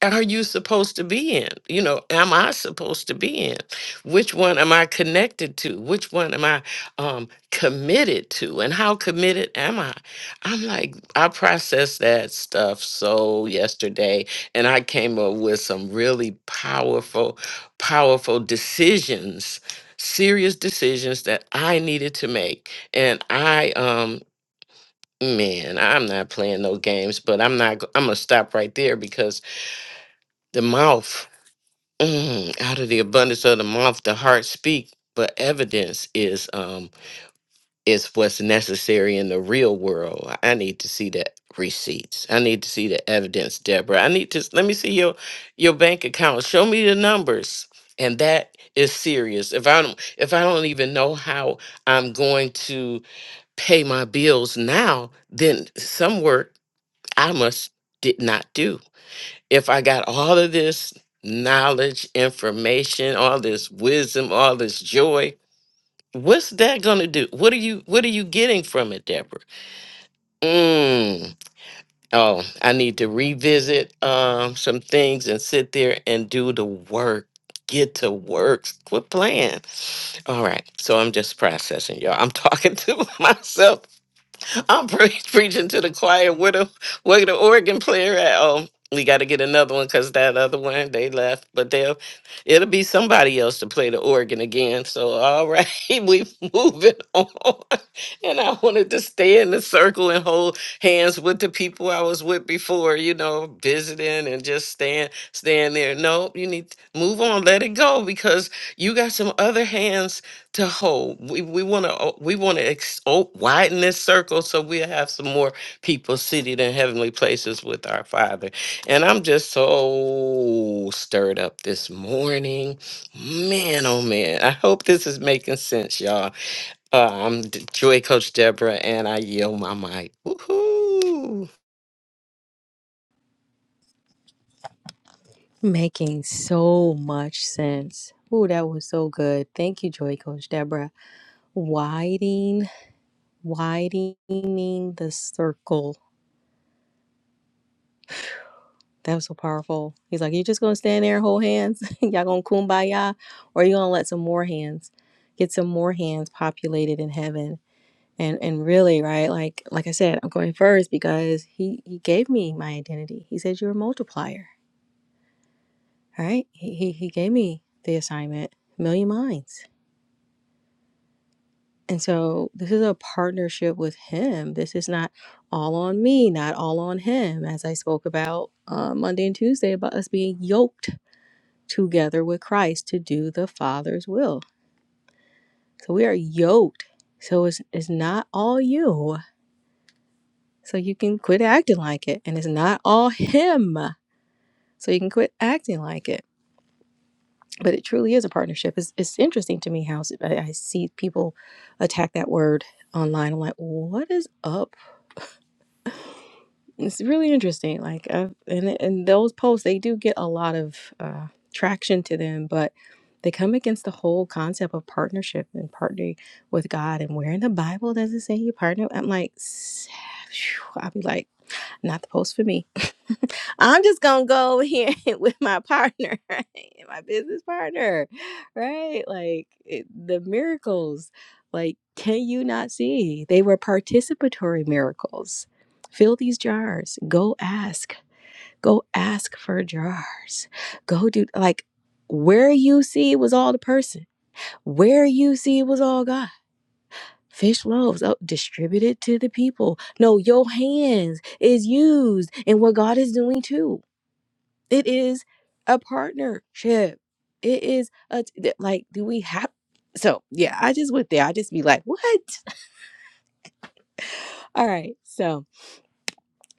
[SPEAKER 2] are you supposed to be in? You know, am I supposed to be in? Which one am I connected to? Which one am I um, committed to? And how committed am I? I'm like, I processed that stuff so yesterday, and I came up with some really powerful, powerful decisions, serious decisions that I needed to make. And I, um, man, I'm not playing no games, but I'm not, go- I'm gonna stop right there because the mouth. Mm, out of the abundance of the mouth, the heart speak. But evidence is um is what's necessary in the real world. I need to see the receipts. I need to see the evidence, Deborah. I need to let me see your your bank account. Show me the numbers. And that is serious. If I don't if I don't even know how I'm going to pay my bills now, then some work I must did not do if I got all of this knowledge, information, all this wisdom, all this joy, what's that going to do? What are you what are you getting from it, Deborah? Mm. Oh, I need to revisit um some things and sit there and do the work. Get to work. Quit playing. All right. So I'm just processing, y'all. I'm talking to myself I'm pre- preaching to the choir. Where the where the organ player at? Oh, we got to get another one because that other one they left. But they'll it'll be somebody else to play the organ again. So all right, we moving on. And I wanted to stay in the circle and hold hands with the people I was with before. You know, visiting and just staying staying there. No, you need to move on. Let it go because you got some other hands to hold. We we want to we want to ex- o- widen this circle so we'll have some more people seated in heavenly places with our Father. And I'm just so stirred up this morning, man. Oh man! I hope this is making sense, y'all. Uh, I'm D- Joy Coach Deborah, and I yield my mic. Woohoo!
[SPEAKER 1] Making so much sense. Ooh, that was so good. Thank you, Joy Coach Deborah. Waiting. widening the circle. That was so powerful. He's like, You just gonna stand there and hold hands? Y'all gonna kumbaya? Or you gonna let some more hands get some more hands populated in heaven? And and really, right, like like I said, I'm going first because he he gave me my identity. He said you're a multiplier. All right. He he, he gave me the assignment. Million minds. And so this is a partnership with him. This is not all on me, not all on him, as I spoke about uh, Monday and Tuesday about us being yoked together with Christ to do the Father's will. So we are yoked. So it's, it's not all you. So you can quit acting like it. And it's not all him. So you can quit acting like it. But it truly is a partnership. It's, it's interesting to me how I I see people attack that word online. I'm like, what is up It's really interesting. Like, I've, and and those posts, they do get a lot of uh, traction to them, but they come against the whole concept of partnership and partnering with God. And where in the Bible does it say you partner? I'm like, I'll be like. Not the post for me. I'm just gonna go over here with my partner, right? My business partner, right? Like it, the miracles, like can you not see? They were participatory miracles. Fill these jars. Go ask. Go ask for jars. Go do like where you see was all the person. Where you see was all God. Fish loaves oh, distributed to the people. No, your hands is used in what God is doing too. It is a partnership. It is a like. Do we have? So yeah, I just went there. I just be like, what? All right. So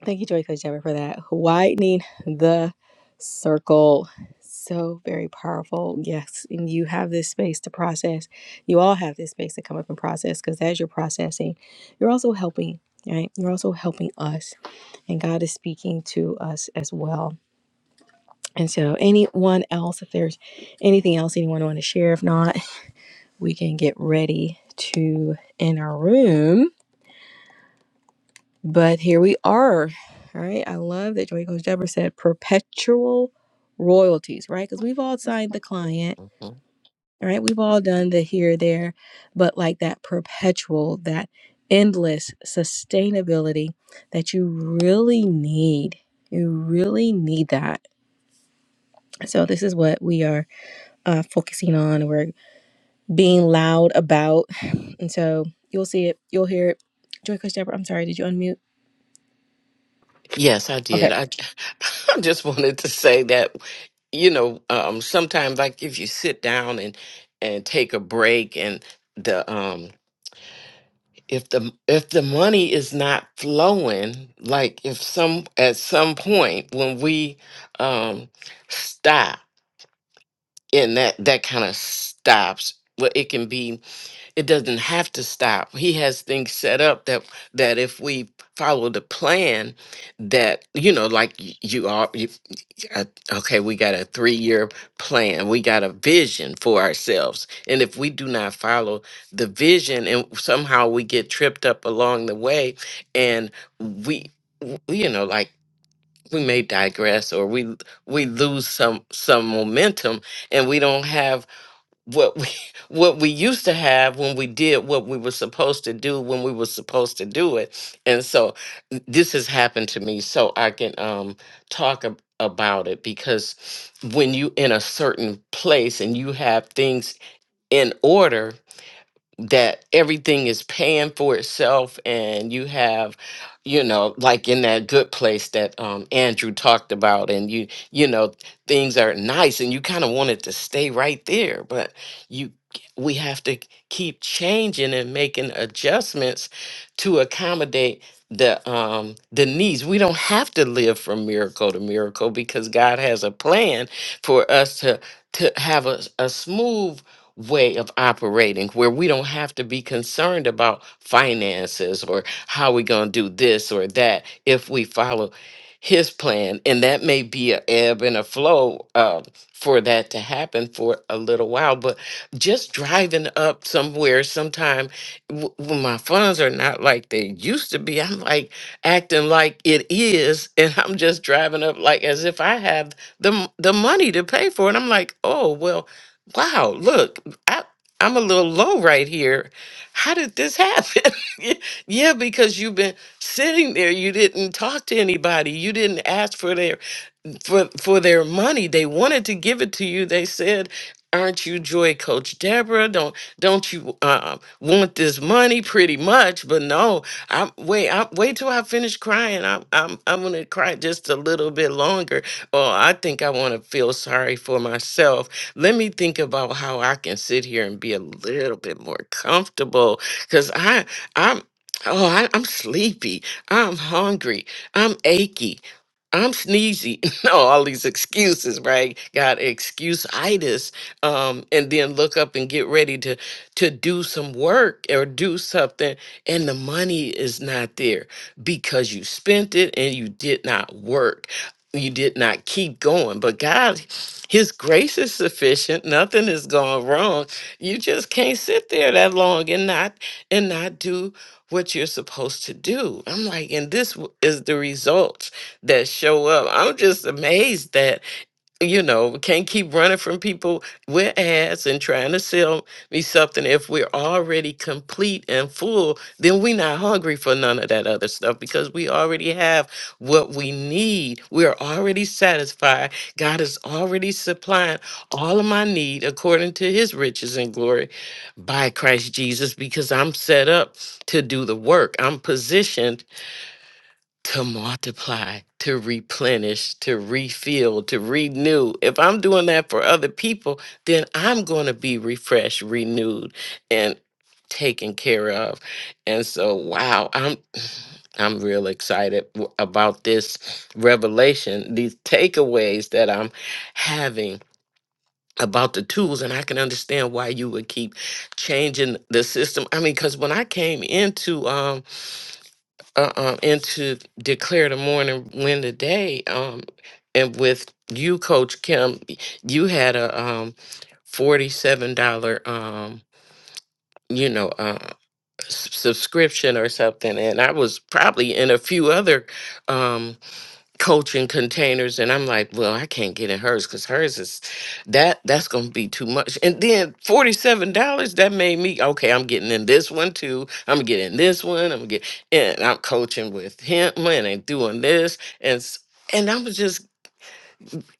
[SPEAKER 1] Thank you, Joy Coach Deborah, for that. Widening the circle. So very powerful. Yes. And you have this space to process. You all have this space to come up and process because as you're processing, you're also helping, right? You're also helping us. And God is speaking to us as well. And so, anyone else, if there's anything else anyone want to share, if not, we can get ready to end our room. But here we are. All right. I love that Joy Coach Deborah said perpetual royalties, right? Because we've all signed the client,
[SPEAKER 2] Mm-hmm.
[SPEAKER 1] all right? We've all done the here, there, but like that perpetual, that endless sustainability that you really need. You really need that. So, this is what we are uh, focusing on. We're being loud about. And so, you'll see it, you'll hear it. Joy Coach Deborah, I'm sorry, did you unmute?
[SPEAKER 2] Yes, I
[SPEAKER 1] Okay.
[SPEAKER 2] did. I, I just wanted to say that, you know, um, sometimes like if you sit down and and take a break and the um if the if the money is not flowing, like if some at some point when we um stop and that that kind of stops well it can be it doesn't have to stop he has things set up that that if we follow the plan that you know like y- you are uh, okay, we got a three year plan. We got a vision for ourselves. And if we do not follow the vision and somehow we get tripped up along the way and we, w- you know, like we may digress or we we lose some some momentum and we don't have what we what we used to have when we did what we were supposed to do when we were supposed to do it and so n- this has happened to me so i can um talk ab- about it because when you in a certain place and you have things in order that everything is paying for itself and you have you know like in that good place that um Andrew talked about and you you know things are nice and you kind of wanted to stay right there but you we have to keep changing and making adjustments to accommodate the um the needs we don't have to live from miracle to way of operating where we don't have to be concerned about finances or how we're going to do this or that if we follow his plan and that may be a ebb and a flow uh, for that to happen for a little while but just driving up somewhere sometime w- when my funds are not like they used to be i'm like acting like it is and i'm just driving up like as if i have the, m- the money to pay for it i'm like oh well wow look I, I'm a little low right here. How did this happen? yeah, because you've been sitting there. You didn't talk to anybody. You didn't ask for their for for their money. They wanted to give it to you. They said, "Aren't you Joy Coach Deborah? Don't don't you uh, want this money?" Pretty much, but no. I wait. I wait till I finish crying. I'm I'm I'm gonna cry just a little bit longer. Oh, I think I want to feel sorry for myself. Let me think about how I can sit here and be a little bit more comfortable because I I'm. Oh, I, I'm sleepy. I'm hungry. I'm achy. I'm sneezy. No, all these excuses, right? Got excuse-itis. Um, and then look up and get ready to to do some work or do something, and the money is not there because you spent it and you did not work. You did not keep going. But God, His grace is sufficient. Nothing has gone wrong. You just can't sit there that long and not and not do what you're supposed to do. I'm like, and this w- is the result that show up. I'm just amazed that, you know, we can't keep running from people with ads and trying to sell me something. If we're already complete and full, then we're not hungry for none of that other stuff because we already have what we need. We're already satisfied. God is already supplying all of my need according to his riches and glory by Christ Jesus because I'm set up to do the work. I'm positioned to multiply, to replenish, to refill, to renew. If I'm doing that for other people, then I'm going to be refreshed, renewed, and taken care of. And so, wow, I'm. I'm real excited w- about this revelation, these takeaways that I'm having about the tools, and I can understand why you would keep changing the system. I mean, because when I came into um uh, um, and to declare the morning win the day. Um, and with you, Coach Kim, y- you had a um, forty-seven dollar, um, you know, uh, s- subscription or something, and I was probably in a few other. Um, coaching containers and I'm like, well, I can't get in hers because hers is that that's gonna be too much. And then forty seven dollars that made me okay, I'm getting in this one too. I'm getting this one, I'm getting and I'm coaching with him and I'm doing this and s- and I'm just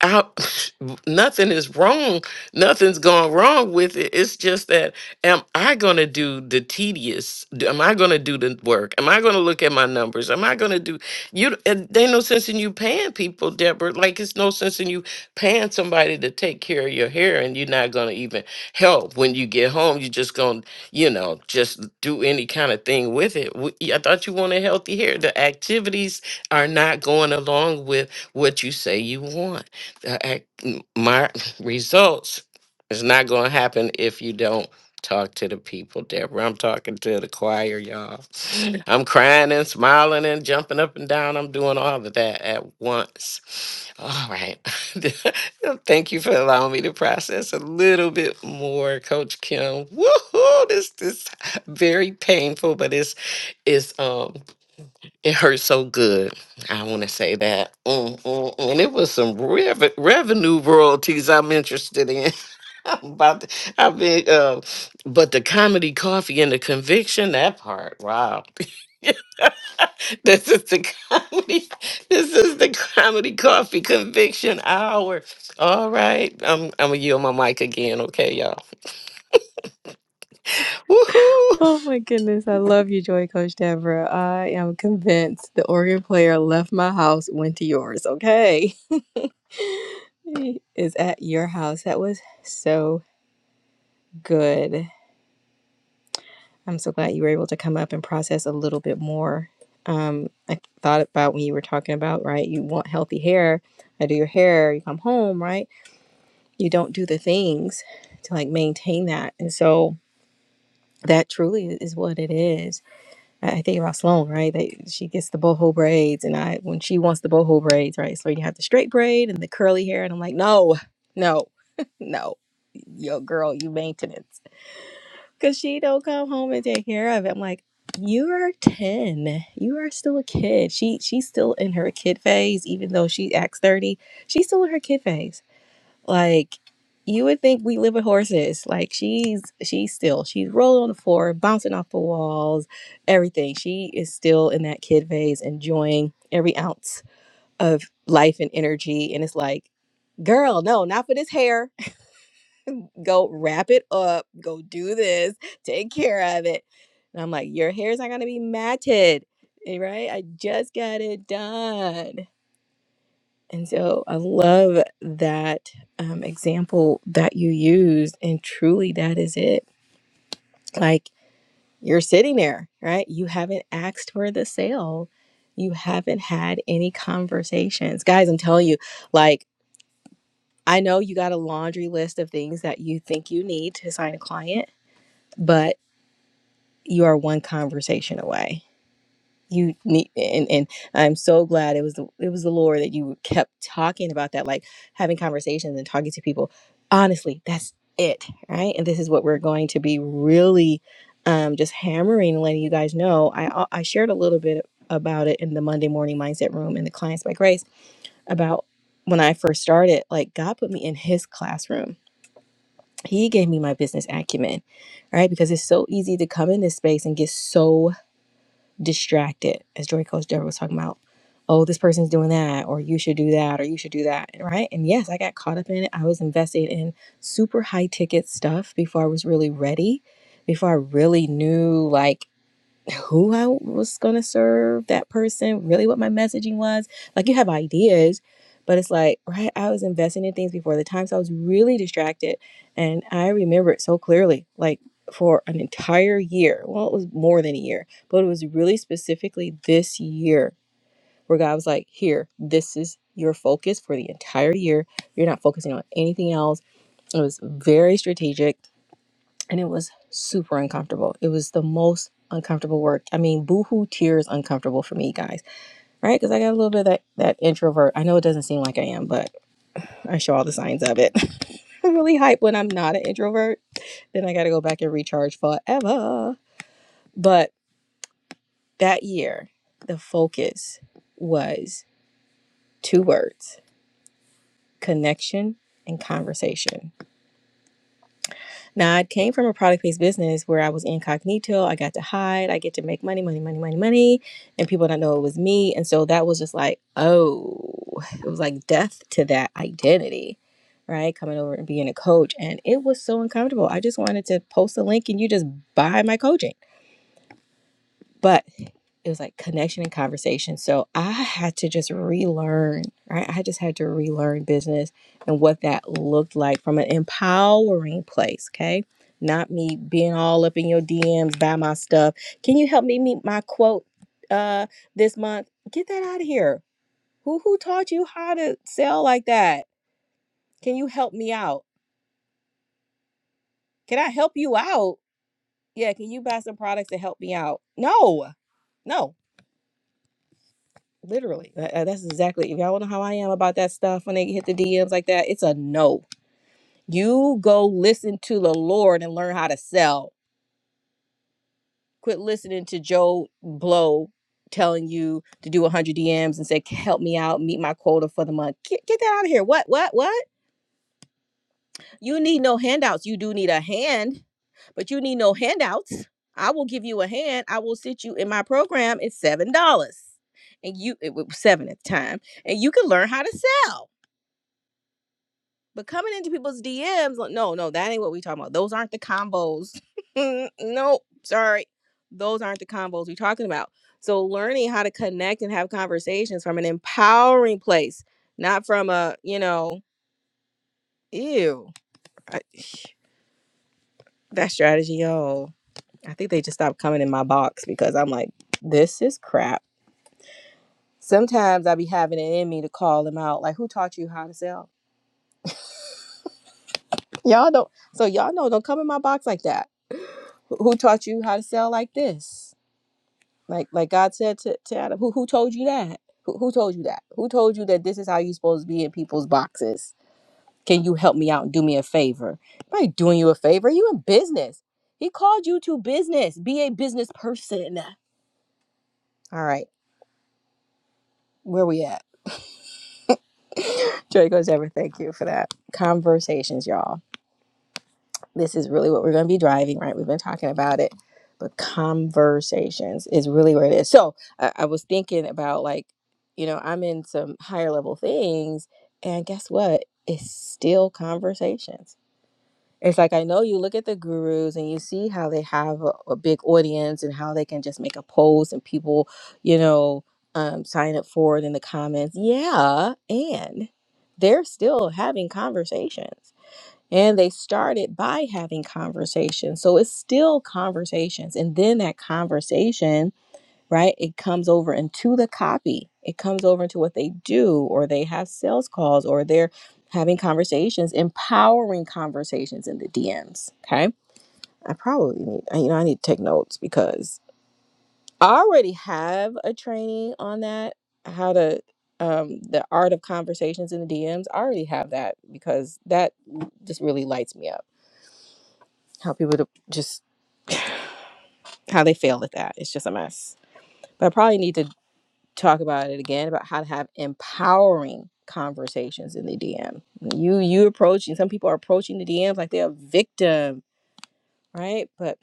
[SPEAKER 2] I, nothing is wrong. Nothing's gone wrong with it. It's just that, am I going to do the tedious? d- Am I going to do the work? Am I going to look at my numbers? Am I going to do you? And there ain't no sense in you paying people, Deborah. Like it's no sense in you paying somebody to take care of your hair, and you're not going to even help when you get home. You're just going, to you know, just do any kind of thing with it. W- I thought you wanted healthy hair. The activities are not going along with what you say you want uh, ac- m- my results is not going to happen if you don't talk to the people, Deborah. I'm talking to the choir, y'all. I'm crying and smiling and jumping up and down. I'm doing all of that at once. All right. Thank you for allowing me to process a little bit more, Coach Kim. Woohoo! This this very painful, but it's it's um it hurt so good. I want to say that. Mm, mm, mm. And it was some rev- revenue royalties I'm interested in. I'm about to, I've been, uh, but the comedy coffee and the conviction, that part, wow. this is the comedy, this is the comedy coffee conviction hour. All right. I'm, I'm going to yield my mic again. Okay, y'all. Woohoo.
[SPEAKER 1] Oh my goodness, I love you, Joy Coach Deborah. I am convinced the organ player left my house, went to yours, okay? Is at your house. That was so good. I'm so glad you were able to come up and process a little bit more. Um, I thought about when you were talking about, right? You want healthy hair. I do your hair, you come home, right? You don't do the things to like maintain that. And so that truly is what it is I I think about Sloan, right? That she gets the boho braids, and I when she wants the boho braids, right? So you have the straight braid and the curly hair, and I'm like, no, no, no, yo, girl, you maintenance, because she don't come home and take care of it. I'm like, you are ten, you are still a kid. She she's still in her kid phase, even though she acts thirty. She's still in her kid phase. Like you would think we live with horses. Like she's she's still she's rolling on the floor, bouncing off the walls, everything. She is still in that kid phase, enjoying every ounce of life and energy. And it's like, girl, no, not for this hair. Go wrap it up. Go do this. Take care of it. And I'm like, your hair's not gonna be matted, Eh, right? I just got it done. And so I love that um, example that you used. And truly, that is it. Like you're sitting there, right? You haven't asked for the sale, you haven't had any conversations. Guys, I'm telling you, like, I know you got a laundry list of things that you think you need to sign a client, but you are one conversation away you need and and i'm so glad it was the it was the lord that you kept talking about that like having conversations and talking to people honestly that's it right and this is what we're going to be really um just hammering and letting you guys know i uh, i shared a little bit about it in the monday morning mindset room in the clients by grace about when i first started like god put me in his classroom he gave me my business acumen right because it's so easy to come in this space and get so distracted, as Joy Coach Deborah was talking about. Oh, this person's doing that, or you should do that, or you should do that, right? And yes, I got caught up in it. I was invested in super high ticket stuff before I was really ready, before I really knew like who I was going to serve that person, really what my messaging was. Like you have ideas, but it's like, right, I was investing in things before the time, so I was really distracted. And I remember it so clearly, like for an entire year. Well, it was more than a year, but it was really specifically this year where God was like, here, this is your focus for the entire year. You're not focusing on anything else. It was very strategic and it was super uncomfortable. It was the most uncomfortable work. I mean, boohoo tears uncomfortable for me, guys, right? Because I got a little bit of that, that introvert. I know it doesn't seem like I am, but I show all the signs of it. I'm really hype when I'm not an introvert. Then I got to go back and recharge forever. But that year, the focus was two words connection and conversation Now, I came from a product based business where I was incognito. I got to hide. I get to make money, money, money, money, money. And people don't know it was me. And so that was just like, oh, it was like death to that identity, right? Coming over and being a coach. And it was so uncomfortable. I just wanted to post a link and you just buy my coaching. But it was like connection and conversation. So I had to just relearn, right? I just had to relearn business and what that looked like from an empowering place, okay? Not me being all up in your DMs, buy my stuff. Can you help me meet my quote uh this month? Get that out of here. Who who taught you how to sell like that? Can you help me out? Can I help you out? Yeah, can you buy some products to help me out? No. No. Literally, Tha- that's exactly. If y'all know how I am about that stuff, when they hit the DMs like that, it's a no. You go listen to the Lord and learn how to sell. Quit listening to Joe Blow telling you to do 100 DMs and say, "Help me out, meet my quota for the month." Get, get that out of here. What? What? What? You need no handouts. You do need a hand, but you need no handouts. I will give you a hand. I will sit you in my program. It's seven dollars, and you it was seven at the time, and you can learn how to sell But coming into people's DMs, like, no, no, that ain't what we talking about. Those aren't the combos. nope, sorry. Those aren't the combos we talking about. So learning how to connect and have conversations from an empowering place, not from a, you know, ew. I, that strategy, yo. I think they just stopped coming in my box because I'm like, this is crap. Sometimes I be having it in me to call them out. Like, who taught you how to sell? Y'all don't. So y'all know, don't come in my box like that. Who who taught you how to sell like this? Like like God said to, to Adam, who who told you that? Who, who told you that? Who told you that this is how you're supposed to be in people's boxes? Can you help me out and do me a favor? By doing you a favor, you in business. He called you to business. Be a business person. All right, where we at? Joy goes ever. Thank you for that conversations, y'all. this is really what we're going to be driving, right? We've been talking about it, but conversations is really where it is. So I, I was thinking about like, you know, I'm in some higher level things, and guess what? It's still conversations. It's like I know you look at the gurus and you see how they have a, a big audience and how they can just make a post and people, you know, um, sign up for it in the comments. Yeah, and they're still having conversations and they started by having conversations. So it's still conversations. And then that conversation, right, it comes over into the copy. It comes over into what they do, or they have sales calls, or they're having conversations, empowering conversations in the DMs. Okay. I probably need, you know, I need to take notes because I already have a training on that, how to, um, the art of conversations in the DMs. I already have that because that just really lights me up how people to just how they fail at that. It's just a mess. But I probably need to talk about it again about how to have empowering conversations in the DM. You you approaching some people are approaching the DMs like they're a victim, right? But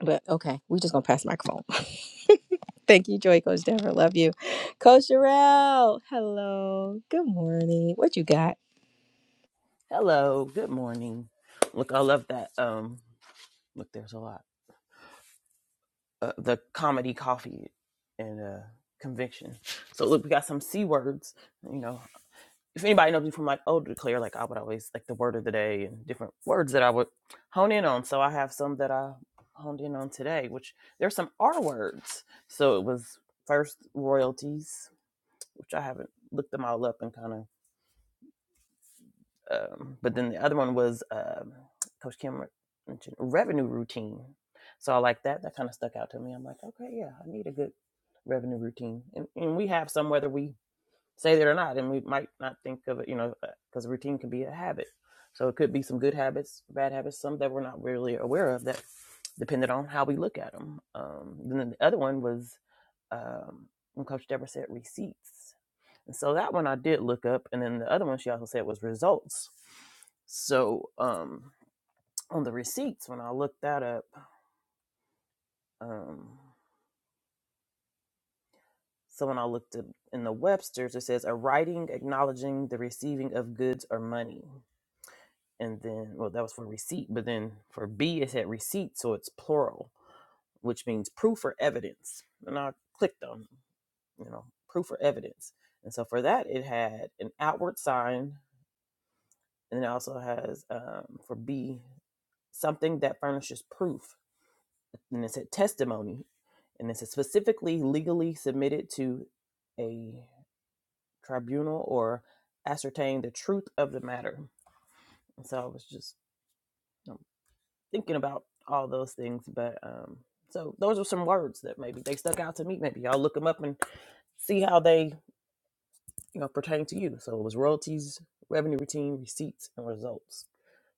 [SPEAKER 1] but okay, we just gonna pass the microphone. Thank you, Joy Coach Deborah. Love you. Coach Sherelle. Hello. Good morning. What you got?
[SPEAKER 3] Hello, good morning. Look, I love that. Um, look, there's a lot. Uh, the comedy coffee and uh, conviction. So look, we got some c words. You know, if anybody knows me from like old declare, like I would always like the word of the day and different words that I would hone in on. So I have some that I honed in on today, which there's some R words. So it was first royalties, which I haven't looked them all up and kind of Um, but then the other one was um Coach Kim mentioned revenue routine. So I like that. That kind of stuck out to me. I'm like, okay, yeah, I need a good revenue routine, and, and we have some whether we say that or not, and we might not think of it, you know, because routine can be a habit. So it could be some good habits, bad habits, some that we're not really aware of that depended on how we look at them. Um, and then the other one was um, when Coach Deborah said receipts. And so that one I did look up, and then the other one she also said was results. So um, on the receipts, when I looked that up, um, so when I looked up in the Webster's, it says a writing acknowledging the receiving of goods or money. And then, well, that was for receipt, but then for B, it said receipt, so it's plural, which means proof or evidence. And I clicked on, you know, proof or evidence. And so for that, it had an outward sign, and it also has um, for B something that furnishes proof. And it said testimony. And it said specifically legally submitted to a tribunal or ascertain the truth of the matter. And so I was just you know, thinking about all those things. But um, so those are some words that maybe they stuck out to me. Maybe y'all look them up and see how they you know, pertaining to you. So it was royalties, revenue routine, receipts, and results.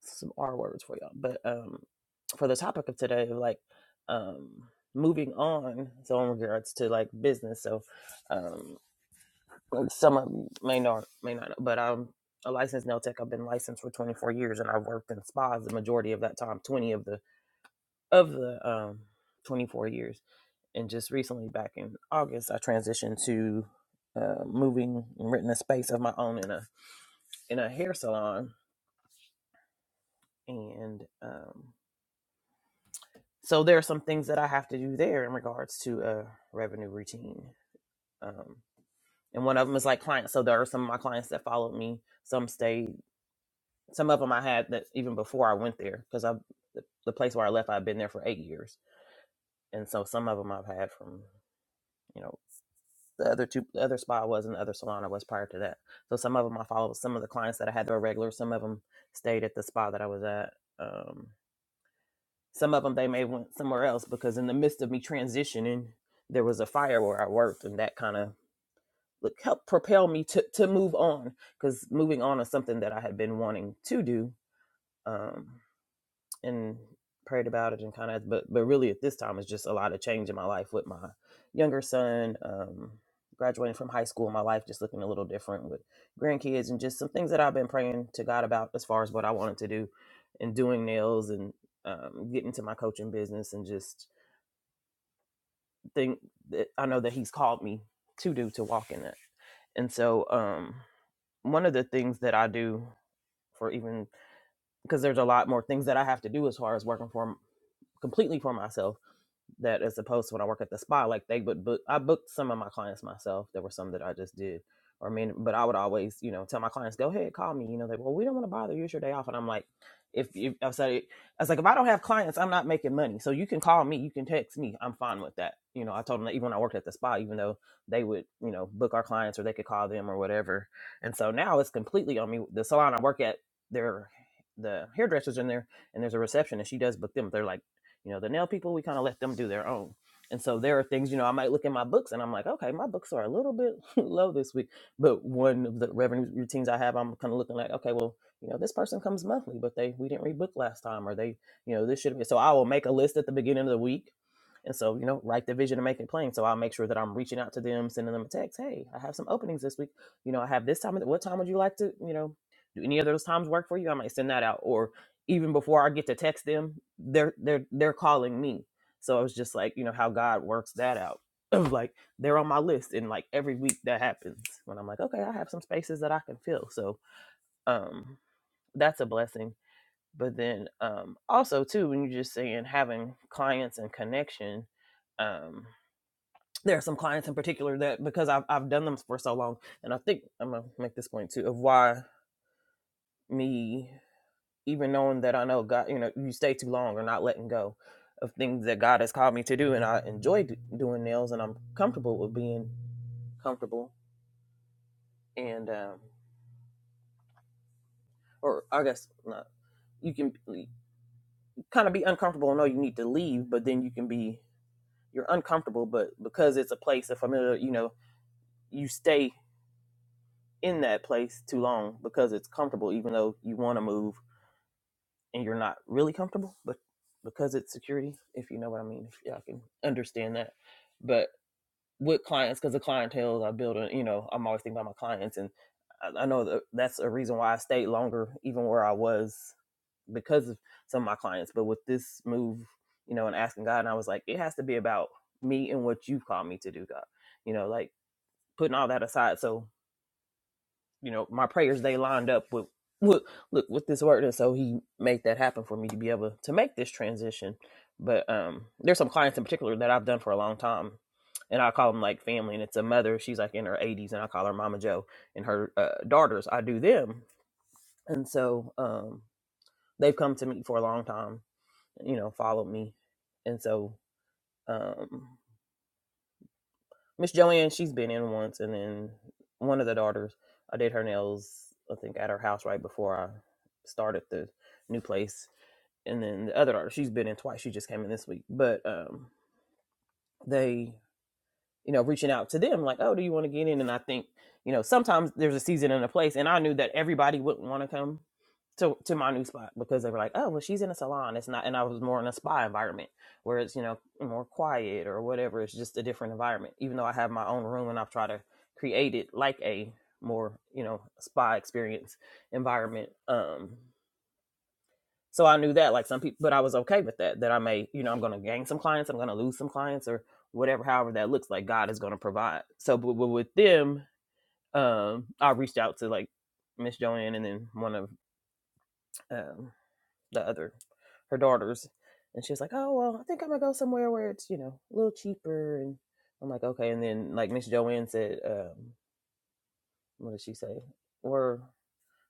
[SPEAKER 3] Some R words for y'all. But um, for the topic of today, like um, moving on, so in regards to like business. So um, some of you may not, may not, know, but I'm a licensed nail tech. I've been licensed for 24 years, and I've worked in spas the majority of that time. 20 of the of the um, 24 years, and just recently, back in August, I transitioned to uh, moving and renting a space of my own in a in a hair salon, and um, so there are some things that I have to do there in regards to a revenue routine. Um, and one of them is like clients. So there are some of my clients that followed me. Some stayed. Some of them I had that even before I went there because I the, place where I left I've been there for eight years, and so some of them I've had from you know the other two the other spa I was and the other salon I was prior to that. So some of them I followed. Some of the clients that I had that were regular. Some of them stayed at the spa that I was at. Um, Some of them they may went somewhere else because in the midst of me transitioning, there was a fire where I worked, and that kind of like helped propel me to to move on because moving on is something that I had been wanting to do. Um, and prayed about it and kind of but but really at this time it's just a lot of change in my life with my younger son um graduating from high school my life just looking a little different with grandkids and just some things that i've been praying to god about as far as what i wanted to do and doing nails and um, getting to my coaching business and just think that i know that he's called me to do to walk in that and so um one of the things that i do for even because there's a lot more things that i have to do as far as working for completely for myself that as opposed to when I work at the spa, like they would book. I booked some of my clients myself. There were some that I just did, or I mean, but I would always, you know, tell my clients, "Go ahead, call me." You know, they well, we don't want to bother you. It's your day off, and I'm like, if you, I said, I was like, if I don't have clients, I'm not making money. So you can call me, you can text me. I'm fine with that. You know, I told them that even when I worked at the spa, even though they would, you know, book our clients or they could call them or whatever. And so now it's completely on me. The salon I work at, they're the hairdressers in there and there's a reception and she does book them. They're like you know, the nail people, we kind of let them do their own. And so there are things, you know, I might look in my books and I'm like, okay, my books are a little bit low this week. But one of the revenue routines I have, I'm kind of looking like, okay, well, you know, this person comes monthly, but they we didn't read book last time, or they, you know, this should be. So I will make a list at the beginning of the week, and so you know, write the vision and make it plain. So I'll make sure that I'm reaching out to them, sending them a text. Hey, I have some openings this week. You know, I have this time. What time would you like to? You know, do any of those times work for you? I might send that out, or even before I get to text them, they're they're they're calling me. So it was just like, you know, how God works that out. Of like they're on my list and like every week that happens when I'm like, okay, I have some spaces that I can fill. So um that's a blessing. But then um also too when you're just saying having clients and connection, um there are some clients in particular that because I've I've done them for so long and I think I'm gonna make this point too of why me even knowing that I know God, you know, you stay too long or not letting go of things that God has called me to do, and I enjoy d- doing nails, and I'm comfortable with being comfortable, and um, or I guess not. You can kind of be uncomfortable and know you need to leave, but then you can be you're uncomfortable, but because it's a place, a familiar, you know, you stay in that place too long because it's comfortable, even though you want to move and you're not really comfortable, but because it's security, if you know what I mean, if y'all can understand that. But with clients because the clientele I build, you know, I'm always thinking about my clients, and I, I know that that's a reason why I stayed longer, even where I was, because of some of my clients. But with this move, you know, and asking God, and I was like, it has to be about me and what you've called me to do, God. You know, like putting all that aside. So you know, my prayers they lined up with, with look with this word, and so he made that happen for me to be able to make this transition. But um, there's some clients in particular that I've done for a long time, and I call them like family. And it's a mother; she's like in her 80s, and I call her Mama Joe. And her uh, daughters, I do them, and so um, they've come to me for a long time. You know, followed me, and so. Um, Miss Joanne, she's been in once, and then one of the daughters, I did her nails, I think, at her house right before I started the new place. And then the other daughter, she's been in twice. She just came in this week. But um, they you know, reaching out to them like, oh, do you want to get in? And I think, you know, sometimes there's a season and a place. And I knew that everybody wouldn't want to come to, to my new spot because they were like, oh, well, she's in a salon. It's not, and I was more in a spa environment where it's, you know, more quiet or whatever. It's just a different environment, even though I have my own room and I've tried to create it like a more, you know, spa experience environment. Um, so I knew that, like some people, but I was okay with that. That I may, you know, I'm going to gain some clients, I'm going to lose some clients, or whatever. However, that looks like God is going to provide. So, but, with them, um, I reached out to like Miss Joanne and then one of um, the other her daughters, and she was like, "Oh well, I think I'm gonna go somewhere where it's you know a little cheaper." And I'm like, "Okay." And then like Miss Joanne said, um, "What did she say?" We're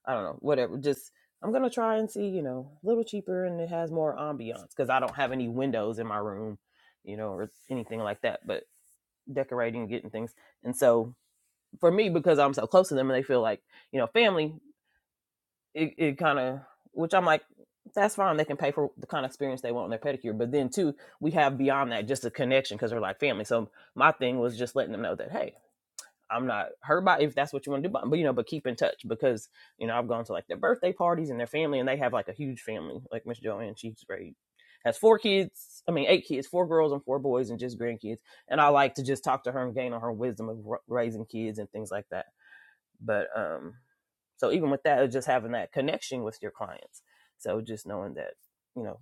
[SPEAKER 3] I don't know, whatever. Just I'm gonna try and see, you know, a little cheaper and it has more ambiance because I don't have any windows in my room, you know, or anything like that. But decorating, and getting things, and so for me, because I'm so close to them and they feel like you know family, it, it kind of which I'm like. That's fine. They can pay for the kind of experience they want on their pedicure. But then, too, we have beyond that just a connection because we're like family. So my thing was just letting them know that, hey, I'm not hurt by it if that's what you want to do, but, but you know, but keep in touch because you know I've gone to like their birthday parties and their family, and they have like a huge family. Like Miss Joanne, she's great, has four kids. I mean, eight kids, four girls and four boys, and just grandkids. And I like to just talk to her and gain on her wisdom of r- raising kids and things like that. But um, so even with that, just having that connection with your clients. So just knowing that you know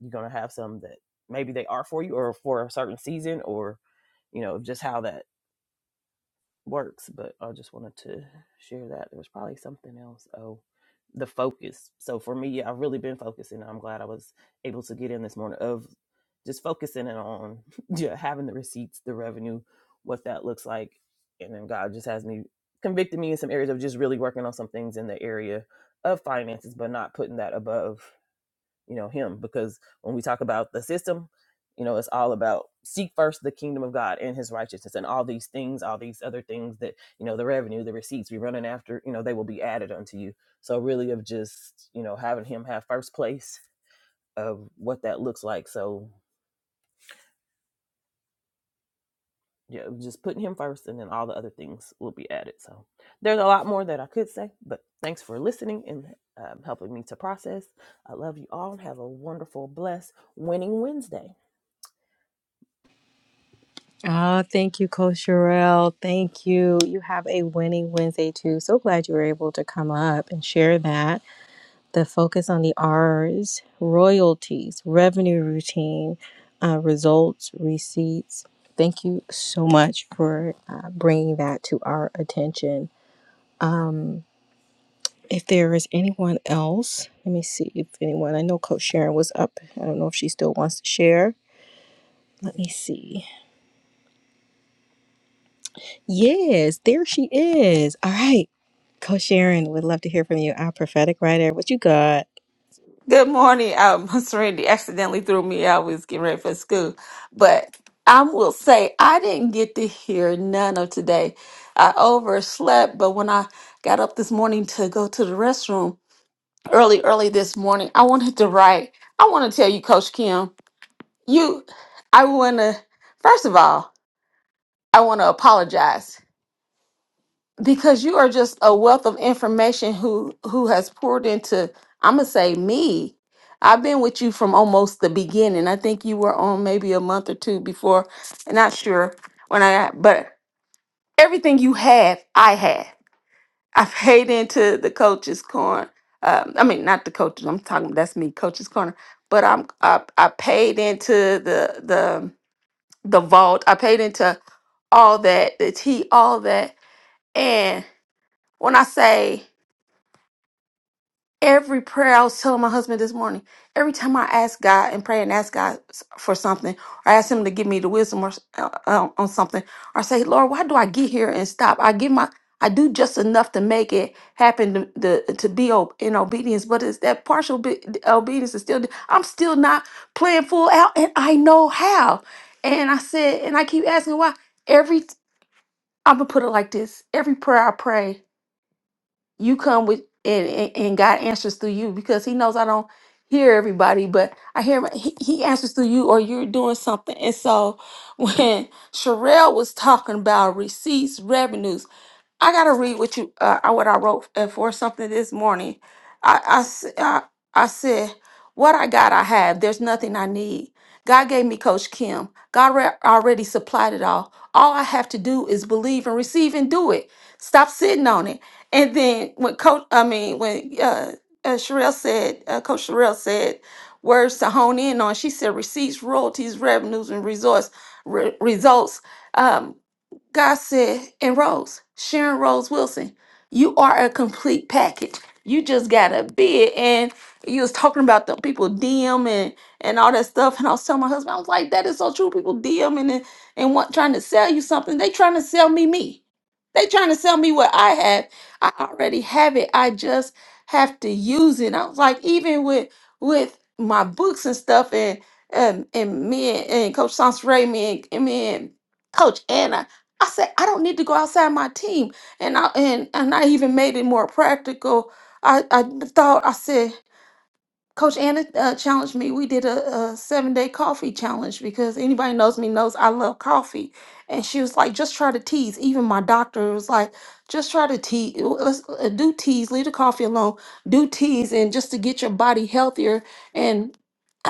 [SPEAKER 3] you're gonna have some that maybe they are for you or for a certain season or you know just how that works, but I just wanted to share that. There was probably something else. Oh, the focus. So for me, yeah, I've really been focusing. I'm glad I was able to get in this morning of just focusing it on yeah, having the receipts, the revenue, what that looks like. And then God just has me convicted me in some areas of just really working on some things in the area of finances, but not putting that above you know him because when we talk about the system you know it's all about seek first the kingdom of god and his righteousness and all these things all these other things that you know the revenue the receipts we are running after you know they will be added unto you so really of just you know having him have first place of what that looks like so yeah just putting him first and then all the other things will be added so there's a lot more that i could say but thanks for listening and um, helping me to process i love you all and have a wonderful blessed winning wednesday
[SPEAKER 1] Oh, thank you, Coach Sherelle. Thank you. You have a winning Wednesday too. So glad you were able to come up and share that. the focus on the R's, royalties, revenue routine, uh, results, receipts. Thank you so much for uh, bringing that to our attention. If there is anyone else, let me see if anyone, I know Coach Sharon was up. I don't know if she still wants to share. Let me see. Yes, there she is. All right. Coach Sharon, would love to hear from you, our prophetic writer. What you got?
[SPEAKER 4] Good morning. Um, Randy accidentally threw me out. We was getting ready for school, but I will say I didn't get to hear none of today. I overslept, but when I got up this morning to go to the restroom early, early this morning, I wanted to write. I want to tell you, Coach Kim, you, I want to. First of all, I want to apologize because you are just a wealth of information who who has poured into i'm gonna say me i've been with you from almost the beginning i think you were on maybe a month or two before and not sure when i got but everything you had i had i paid into the coach's corner um, i mean not the coaches i'm talking that's me coach's corner but i'm i, I paid into the the the vault i paid into all that the tea all that and when i say Every prayer I was telling my husband this morning, every time I ask God and pray and ask God s- for something, or ask Him to give me the wisdom or s- uh, uh, on something, or say, Lord, why do I get here and stop? I give my, I do just enough to make it happen to the, to be o- in obedience, but it's that partial be- obedience is still. I'm still not playing full out, and I know how. And I said, and I keep asking why. Every I'm gonna put it like this: every prayer I pray you come with and, and and God answers through you because he knows I don't hear everybody, but I hear my- he, he answers through you or you're doing something. And so when Sherelle was talking about receipts, revenues, I gotta read what you uh, I- what I wrote uh, for something this morning. I I, s- I I said, "What I got, I have. There's nothing I need. God gave me Coach Kim. God re- already supplied it all. All I have to do is believe and receive and do it. Stop sitting on it." And then when Coach, I mean when uh, uh Sherelle said, uh, Coach Sherelle said words to hone in on. She said, "Receipts, royalties, revenues, and resource re- results." Um, God said, and Rose, Sharon Rose Wilson, you are a complete package. You just gotta be it. And you was talking about the people DM and and all that stuff. And I was telling my husband, I was like, that is so true. People DMing and and want trying to sell you something. They trying to sell me me. They trying to sell me what I have. I already have it. I just have to use it. I was like, even with with my books and stuff and and, and me and, and Coach Sans Ray, me and, and me and Coach Anna, I said, I don't need to go outside my team. And I and, and I even made it more practical. I, I thought I said, Coach Anna uh, challenged me. We did a, a seven day coffee challenge because anybody knows me knows I love coffee. And she was like, just try to tease. Even my doctor was like, just try to tease. Let's uh, do tease. Leave the coffee alone. Do tease, and just to get your body healthier.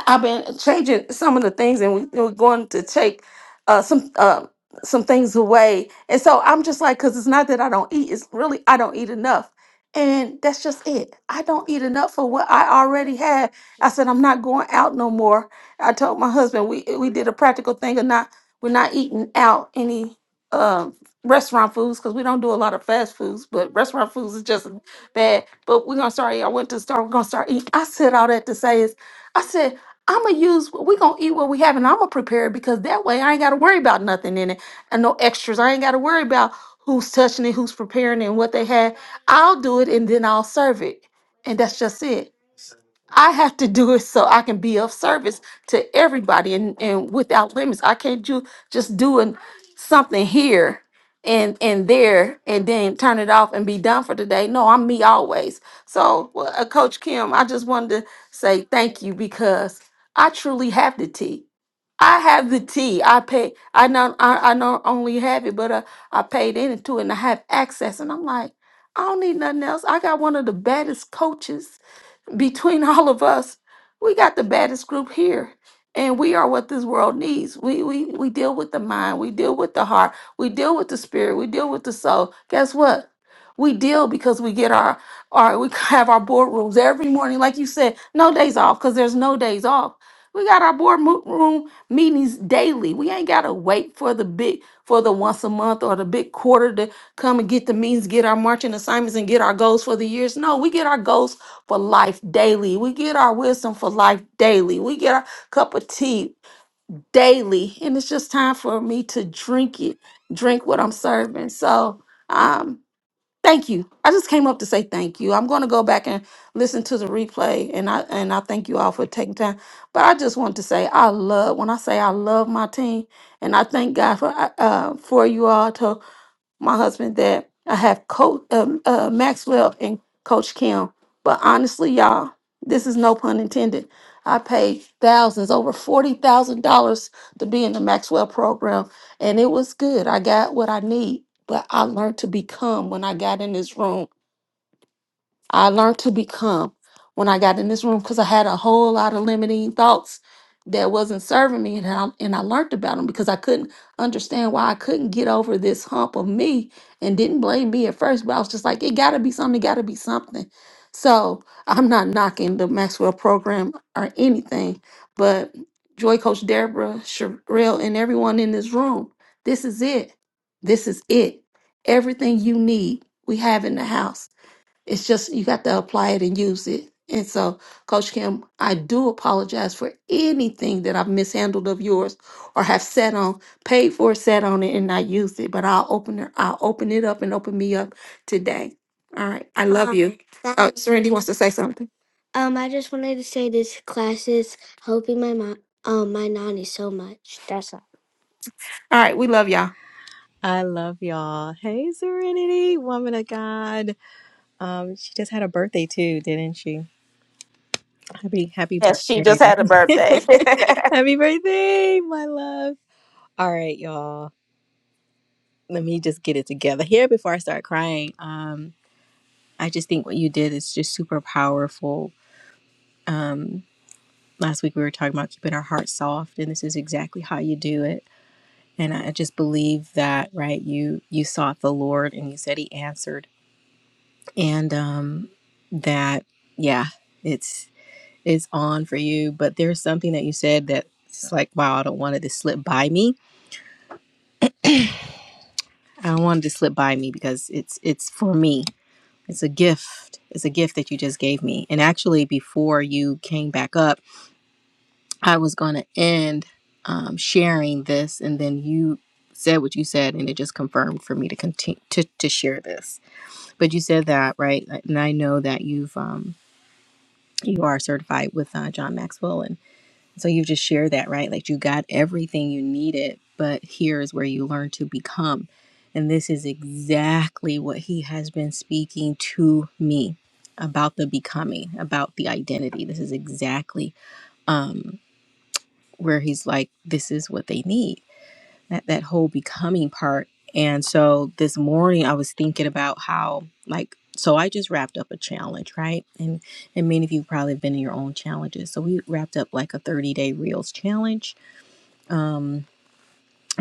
[SPEAKER 4] I've been changing some of the things, and we, we're going to take uh, some uh, some things away. And so I'm just like, because it's not that I don't eat; it's really I don't eat enough, and that's just it. I don't eat enough for what I already had. I said I'm not going out no more. I told my husband we we did a practical thing of not we're not eating out any um restaurant foods because we don't do a lot of fast foods, but restaurant foods is just bad. But we're gonna start. I went to the store. We're gonna start eating. I said all that to say is. I said I'm gonna use we gonna eat what we have, and I'm gonna prepare it because that way I ain't gotta worry about nothing in it and no extras. I ain't gotta worry about who's touching it, who's preparing it, and what they had. I'll do it, and then I'll serve it, and that's just it. I have to do it so I can be of service to everybody and, and without limits. I can't do just doing something here and and there and then turn it off and be done for today. No, I'm me always. So, well, uh, Coach Kim, I just wanted to say thank you because I truly have the tea. I have the tea. I pay. I not. I, I not only have it, but uh, I paid into it, and I have access. And I'm like, I don't need nothing else. I got one of the baddest coaches between all of us, we got the baddest group here. And we are what this world needs. We, we we deal with the mind, we deal with the heart, we deal with the spirit, we deal with the soul. Guess what? We deal because we get our our we have our boardrooms every morning, like you said, no days off, because there's no days off. We got our boardroom meetings daily. We ain't gotta wait for the big for the once a month or the big quarter to come and get the meetings, get our marching assignments, and get our goals for the years. No, we get our goals for life daily. We get our wisdom for life daily. We get our cup of tea daily. And it's just time for me to drink it, drink what I'm serving. So, um, thank you. I just came up to say thank you. I'm going to go back and listen to the replay and I and I thank you all for taking time. But I just want to say I love when I say I love my team and I thank God for uh, for you all to my husband that I have Coach um, uh, Maxwell and Coach Kim. But honestly, y'all, this is no pun intended. I paid thousands, over forty thousand dollars, to be in the Maxwell program, and it was good. I got what I need, but I learned to become when I got in this room I learned to become when I got in this room because I had a whole lot of limiting thoughts that wasn't serving me, and I, and I learned about them because I couldn't understand why I couldn't get over this hump of me and didn't blame me at first, but I was just like, it got to be something, it got to be something. So I'm not knocking the Maxwell program or anything, but Joy Coach Deborah, Sherelle, and everyone in this room, this is it. This is it. Everything you need, we have in the house. It's just you got to apply it and use it. And so, Coach Kim, I do apologize for anything that I've mishandled of yours or have sat on, paid for, sat on it, and not used it. But I'll open it, I'll open it up and open me up today. All right. I love you. Um, you. that- oh, Serenity wants to say something. Um, I just wanted to say this class is helping my mom, um, my nanny so much. That's all. All right, we love y'all.
[SPEAKER 1] I love y'all. Hey, Serenity, woman of God. Um, she just had a birthday too, didn't she? Happy happy
[SPEAKER 4] Yes, she just
[SPEAKER 1] birthday.
[SPEAKER 4] had a birthday.
[SPEAKER 1] happy birthday, my love. All right, y'all. Let me just get it together here before I start crying. Um, I just think what you did is just super powerful. Um, last week we were talking about keeping our hearts soft, and this is exactly how you do it. And I just believe that, right? You you sought the Lord, and you said He answered, and um, that yeah, it's. is on for you, but there's something that you said that it's like, wow, I don't want it to slip by me. I don't want it to slip by me because it's it's for me. It's a gift. It's a gift that you just gave me. And actually, before you came back up, I was going to end um, sharing this, and then you said what you said, and it just confirmed for me to continue to, to share this. But you said that right, and I know that you've um, you are certified with uh, John Maxwell, and. So you just shared that, right? Like you got everything you needed, but here's where you learn to become. And this is exactly what he has been speaking to me about the becoming, about the identity. This is exactly where he's like, this is what they need. That that whole becoming part. And so this morning I was thinking about how like so I just wrapped up a challenge, right? And and many of you probably have been in your own challenges. So we wrapped up like a 30 day reels challenge. Um,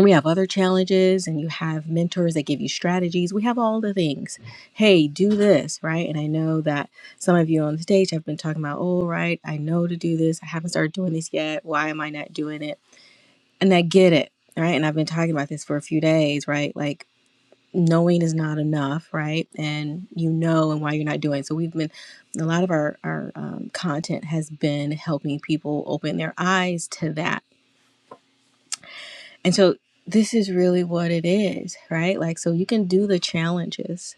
[SPEAKER 1] we have other challenges and you have mentors that give you strategies we have all the things hey do this right and i know that some of you on the stage have been talking about oh right i know to do this i haven't started doing this yet why am i not doing it and i get it right and i've been talking about this for a few days right like knowing is not enough right and you know and why you're not doing it. so we've been a lot of our our um, content has been helping people open their eyes to that and so this is really what it is, right? Like, so you can do the challenges,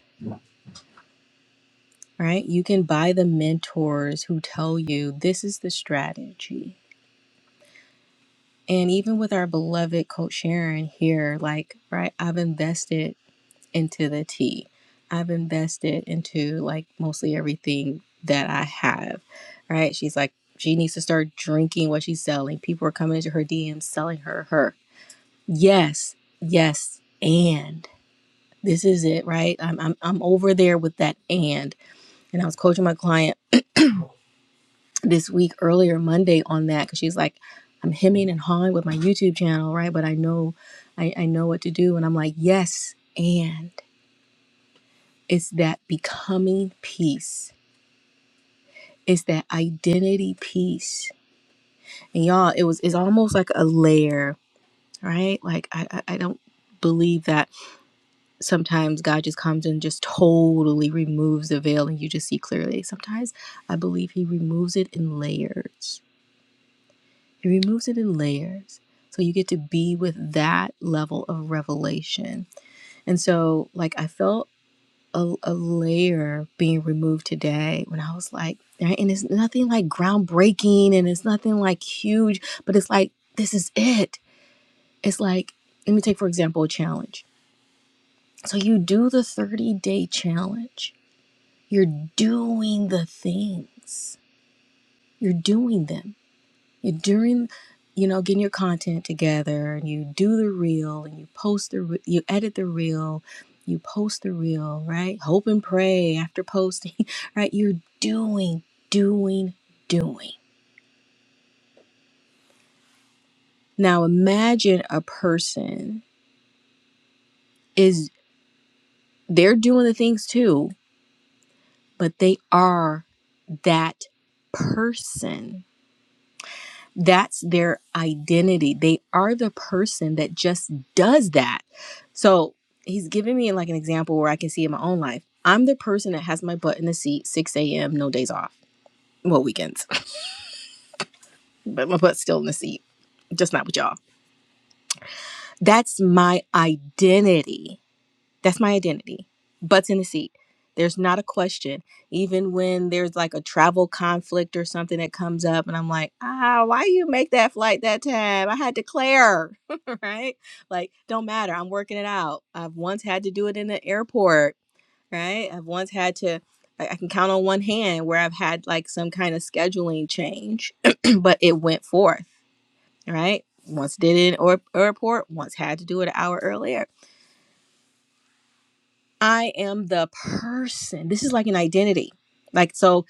[SPEAKER 1] right? You can buy the mentors who tell you this is the strategy. And even with our beloved coach Sharon here, like, right, I've invested into the tea. I've invested into like mostly everything that I have, right? She's like, she needs to start drinking what she's selling. People are coming into her DMs selling her her. Yes, yes, and. this is it, right? I'm, I'm, I'm over there with that and. And I was coaching my client this week earlier Monday on that because she's like, I'm hemming and hawing with my YouTube channel, right? But I know, I, I know what to do. And I'm like, yes, and it's that becoming piece. It's that identity piece. And y'all, it was, it's almost like a layer, right? Like I, I, I don't believe that sometimes God just comes and just totally removes the veil and you just see clearly. Sometimes I believe He removes it in layers. He removes it in layers. So you get to be with that level of revelation. And so, like, I felt a, a layer being removed today when I was like, right? and it's nothing like groundbreaking and it's nothing like huge, but it's like, this is it. It's like, let me take, for example, a challenge. So you do the 30 day challenge You're doing the things. You're doing them. You're doing, you know, getting your content together and you do the reel and you post the, re- you edit the reel, you post the reel, right? Hope and pray after posting, right? You're doing, doing, doing. Now imagine a person is, they're doing the things too, but they are that person That's their identity. They are the person that just does that. So he's giving me like an example where I can see in my own life. I'm the person that has my butt in the seat 6 a.m., no days off. Well, weekends, but my butt's still in the seat, just not with y'all. That's my identity. That's my identity. Butts in the seat. There's not a question. Even when there's like a travel conflict or something that comes up, and I'm like, ah, why you make that flight that time? I had to clear, right? Like, don't matter. I'm working it out. I've once had to do it in the airport, right? I've once had to, I I can count on one hand where I've had like some kind of scheduling change, but it went forth, right? Once did it in or airport, once had to do it an hour earlier I am the person. This is like an identity. Like, so,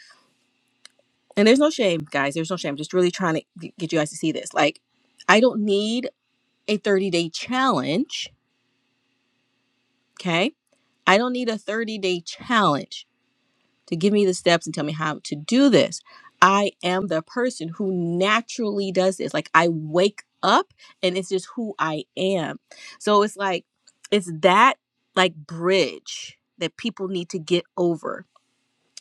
[SPEAKER 1] and there's no shame, guys. There's no shame. I'm just really trying to get you guys to see this. Like, I don't need a 30 day challenge. Okay. I don't need a 30 day challenge to give me the steps and tell me how to do this. I am the person who naturally does this. Like, I wake up and it's just who I am. So, it's like, it's that like bridge that people need to get over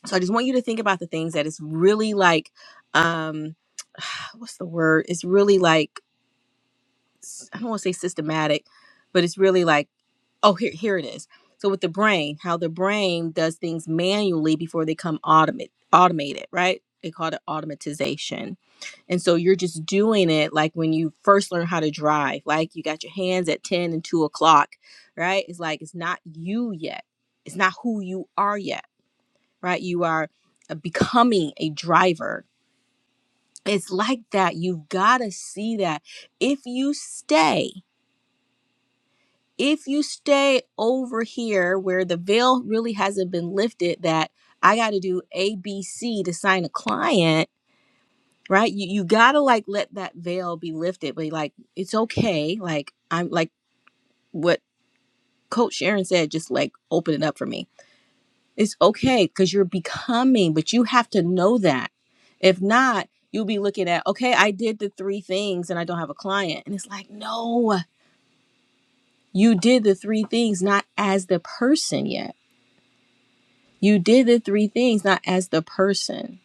[SPEAKER 1] So I just want you to think about the things that is really like, um, what's the word? It's really like s- I don't want to say systematic, but it's really like oh here here it is. So with the brain, how the brain does things manually before they come automate automated, right? They call it automatization. And so you're just doing it like when you first learn how to drive, like you got your hands at 10 and 2 o'clock, right? It's like it's not you yet. It's not who you are yet right? You are uh, becoming a driver. It's like that. You've got to see that. If you stay, if you stay over here where the veil really hasn't been lifted, that I got to do ABC to sign a client, right? You, you got to like let that veil be lifted, but like it's okay. Like I'm like what Coach Sharon said, just like open it up for me It's okay because you're becoming, but you have to know that. If not, you'll be looking at, okay, I did the three things and I don't have a client. And it's like, no, you did the three things not as the person yet. You did the three things not as the person.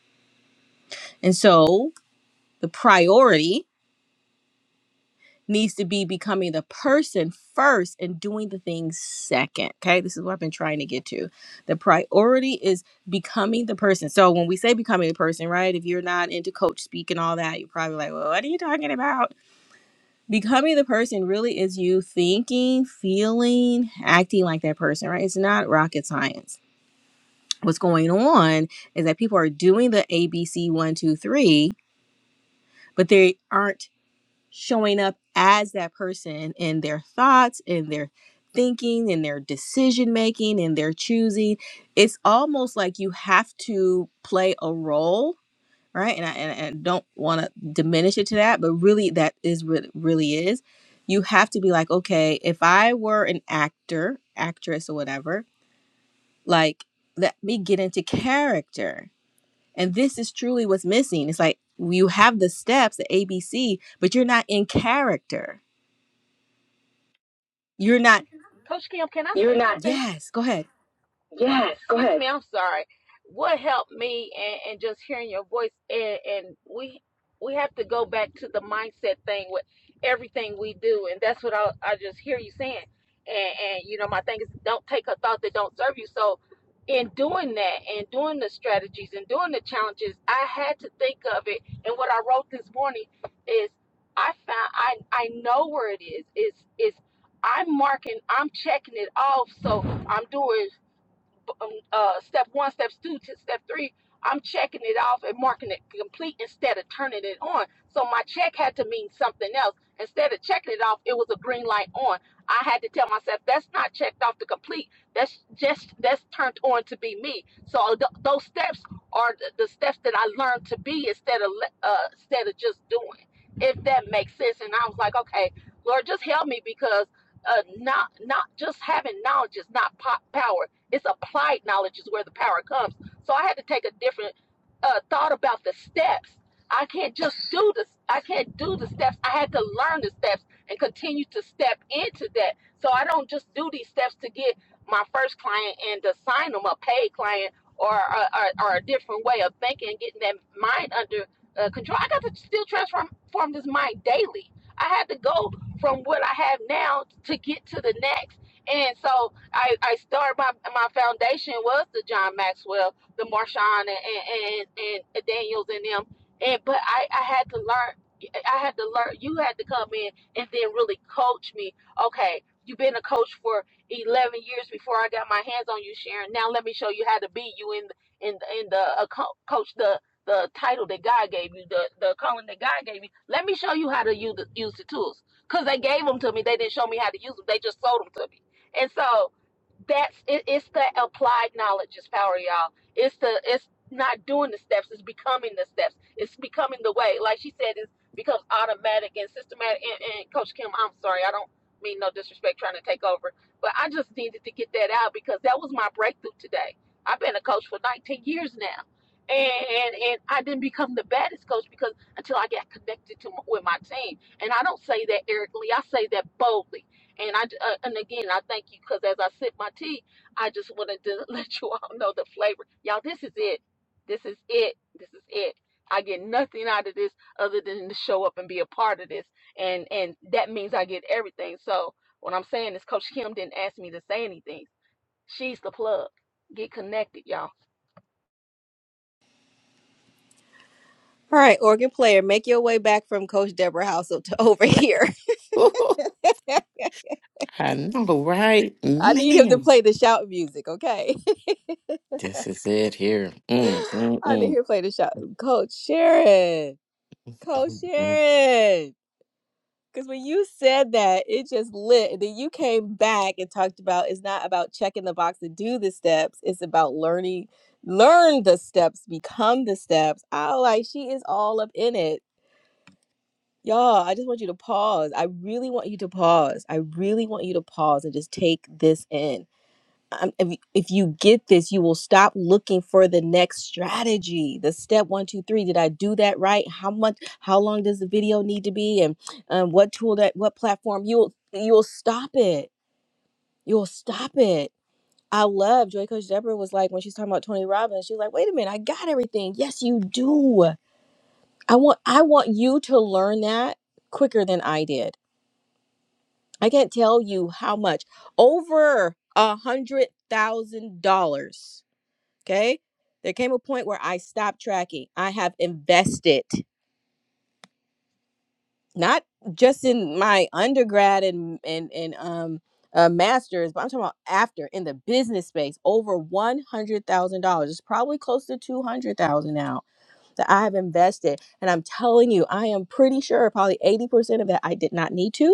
[SPEAKER 1] And so the priority needs to be becoming the person first and doing the things second. Okay. This is what I've been trying to get to. The priority is becoming the person. So when we say becoming the person, right? If you're not into coach speak and all that, you're probably like, well, what are you talking about? Becoming the person really is you thinking, feeling, acting like that person, right? It's not rocket science. What's going on is that people are doing the ABC one, two, three, but they aren't showing up as that person in their thoughts in their thinking in their decision making in their choosing it's almost like you have to play a role right and i, and I don't want to diminish it to that but really that is what it really is you have to be like okay if i were an actor actress or whatever like let me get into character and this is truly what's missing it's like you have the steps the abc but you're not in character You're not. Yes, go ahead. All right, organ player, make your way back from Coach Deborah House up to over here.
[SPEAKER 2] Woohoo. I know, right?
[SPEAKER 1] I need him to
[SPEAKER 2] Man,
[SPEAKER 1] play the shout music, okay?
[SPEAKER 2] this is it here. Mm,
[SPEAKER 1] I need him
[SPEAKER 2] mm,
[SPEAKER 1] to play the shout. Coach Sharon, Coach
[SPEAKER 2] mm.
[SPEAKER 1] Sharon. Because when you said that, it just lit. And then you came back and talked about it's not about checking the box to do the steps, it's about learning, learn the steps, become the steps. I was like, she is all up in it Y'all, I just want you to pause. I really want you to pause. I really want you to pause and just take this in. Um, if, you, if you get this, you will stop looking for the next strategy. The step one, two, three. Did I do that right? How much? How long does the video need to be? And um, what tool? That what platform? You'll you'll stop it. You'll stop it. I love Joy Coach Deborah was like when she's talking about Tony Robbins. She's like, wait a minute, I got everything. Yes, you do. I want I want you to learn that quicker than I did. I can't tell you how much over a hundred thousand dollars. Okay. There came a point where I stopped tracking. I have invested not just in my undergrad and and and um uh, masters, but I'm talking about after in the business space over one hundred thousand dollars. It's probably close to two hundred thousand now that I have invested, and I'm telling you, I am pretty sure probably eighty percent of that I did not need to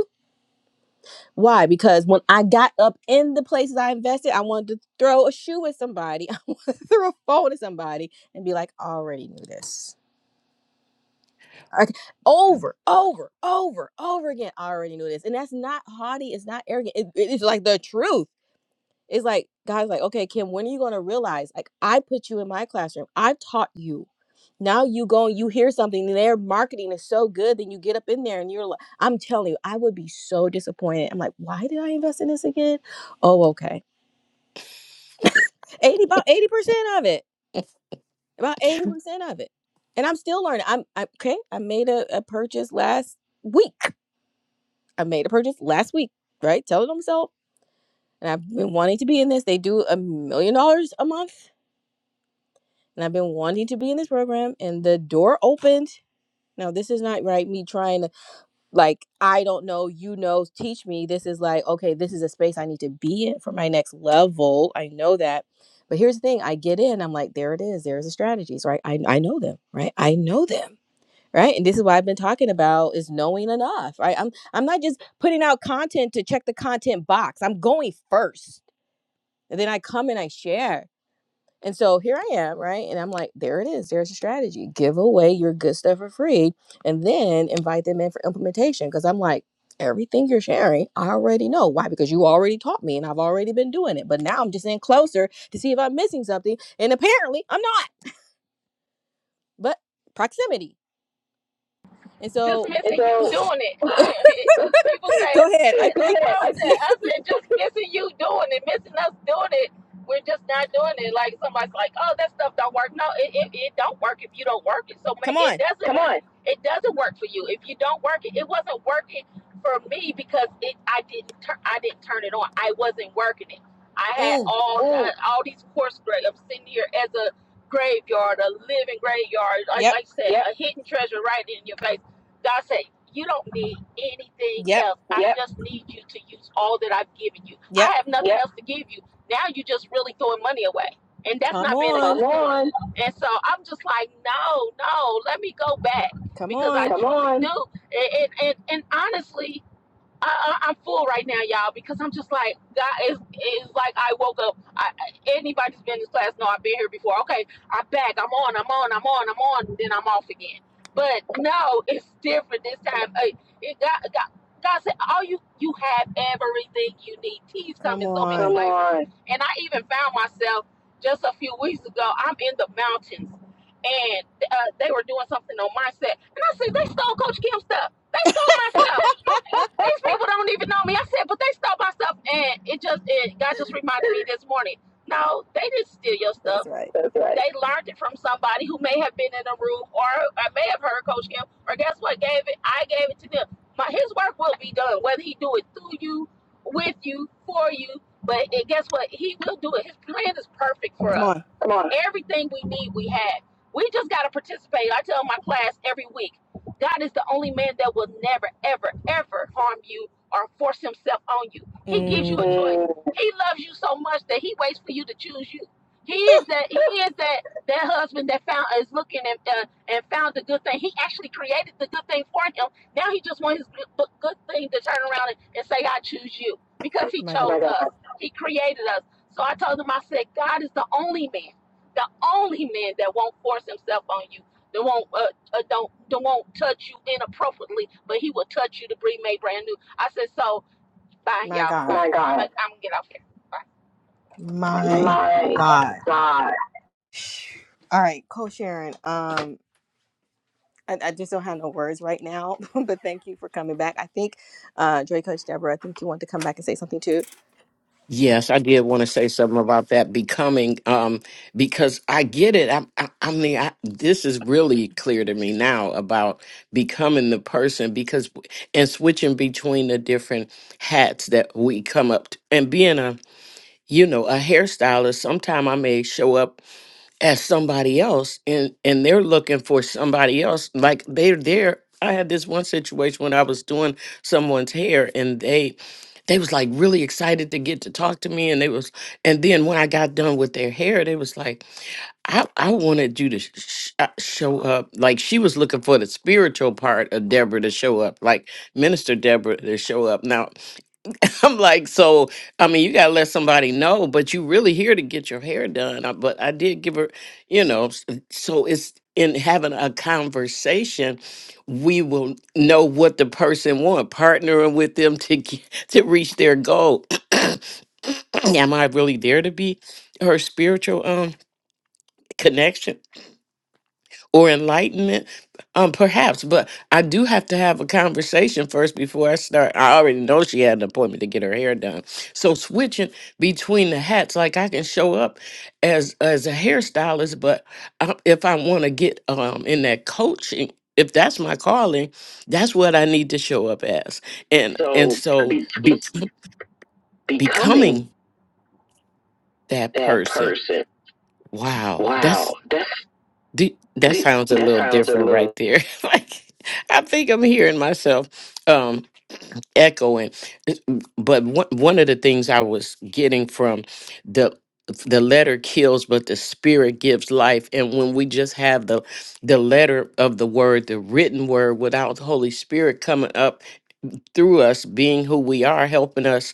[SPEAKER 1] Why? Because when I got up in the places I invested, I wanted to throw a shoe at somebody, throw a phone at somebody, and be like, I already knew this. Like, over, over, over, over again. I already knew this. And that's not haughty. It's not arrogant. it- it's like the truth. It's like, guys, like, okay, Kim, when are you going to realize? Like, I put you in my classroom, I taught you. Now you go and you hear something, and their marketing is so good, then you get up in there and you're like, I'm telling you, I would be so disappointed. I'm like, why did I invest in this again? Oh, okay. 80, about 80% of it, about 80% of it. And I'm still learning. I'm, I, okay. I made a, a purchase last week. I made a purchase last week, right? Telling myself, and I've been wanting to be in this. They do a million dollars a month and I've been wanting to be in this program, and the door opened. Now, this is not right, me trying to, like, I don't know, you know, teach me. This is like, okay, this is a space I need to be in for my next level. I know that. But here's the thing I get in, I'm like, there it is. There's the strategies, right? I, I know them, right? I know them. Right. And this is what I've been talking about is knowing enough. Right. I'm I'm not just putting out content to check the content box. I'm going first. And then I come and I share. And so here I am, right? And I'm like, there it is. There's a strategy. Give away your good stuff for free and then invite them in for implementation. Cause I'm like, everything you're sharing, I already know. Why? Because you already taught me and I've already been doing it. But now I'm just in closer to see if I'm missing something. And apparently I'm not, but proximity. And so go ahead. I think, come on. Mm, yep. Yep. Yep. Come on.
[SPEAKER 4] Come
[SPEAKER 1] Come on.
[SPEAKER 4] on,
[SPEAKER 1] Come on.
[SPEAKER 4] on.
[SPEAKER 1] That's right.
[SPEAKER 4] That's right.
[SPEAKER 1] Come on.
[SPEAKER 4] Come
[SPEAKER 1] Mm,
[SPEAKER 4] on.
[SPEAKER 1] my God. My God.
[SPEAKER 4] My God.
[SPEAKER 1] My
[SPEAKER 4] My
[SPEAKER 1] God.
[SPEAKER 4] God.
[SPEAKER 1] All right, Coach Sharon. Um, I, I just don't have no words right now, but thank you for coming back. I think, uh, Dre Coach Deborah, I think you want to come back and say something too.
[SPEAKER 2] Yes, I did want to say something about that becoming, um, because I get it. I, I, I mean, I, this is really clear to me now about becoming the person because and switching between the different hats that we come up to and being a, you know, a hairstylist. Sometime I may show up as somebody else and and they're looking for somebody else like they're there i had this one situation when i was doing someone's hair and they they was like really excited to get to talk to me and they was and then when i got done with their hair they was like i i wanted you to sh- sh- uh, show up like she was looking for the spiritual part of deborah to show up like minister deborah to show up now I'm like, so I mean, you gotta let somebody know, but you really here to get your hair done. I- But I did give her, you know, s- so it's in having a conversation, we will know what the person want, partnering with them to get, to reach their goal. Am I really there to be her spiritual um connection? or enlightenment um perhaps but i do have to have a conversation first before i start i already know she had an appointment to get her hair done so switching between the hats like i can show up as as a hairstylist but I, if i want to get um in that coaching if that's my calling that's what i need to show up as and and
[SPEAKER 4] So
[SPEAKER 2] so
[SPEAKER 4] be,
[SPEAKER 2] be-
[SPEAKER 4] becoming
[SPEAKER 2] becoming that
[SPEAKER 4] that
[SPEAKER 2] person
[SPEAKER 4] person.
[SPEAKER 2] wow
[SPEAKER 4] Wow, that's
[SPEAKER 2] Do, that
[SPEAKER 4] the-
[SPEAKER 2] sounds a
[SPEAKER 4] that
[SPEAKER 2] little
[SPEAKER 4] sounds a
[SPEAKER 2] different right
[SPEAKER 4] little.
[SPEAKER 2] there. like I think I'm hearing myself um echoing. But one one of the things I was getting from the the letter kills but the spirit gives life and when we just have the the letter of the word the written word without the holy spirit coming up through us being who we are, helping us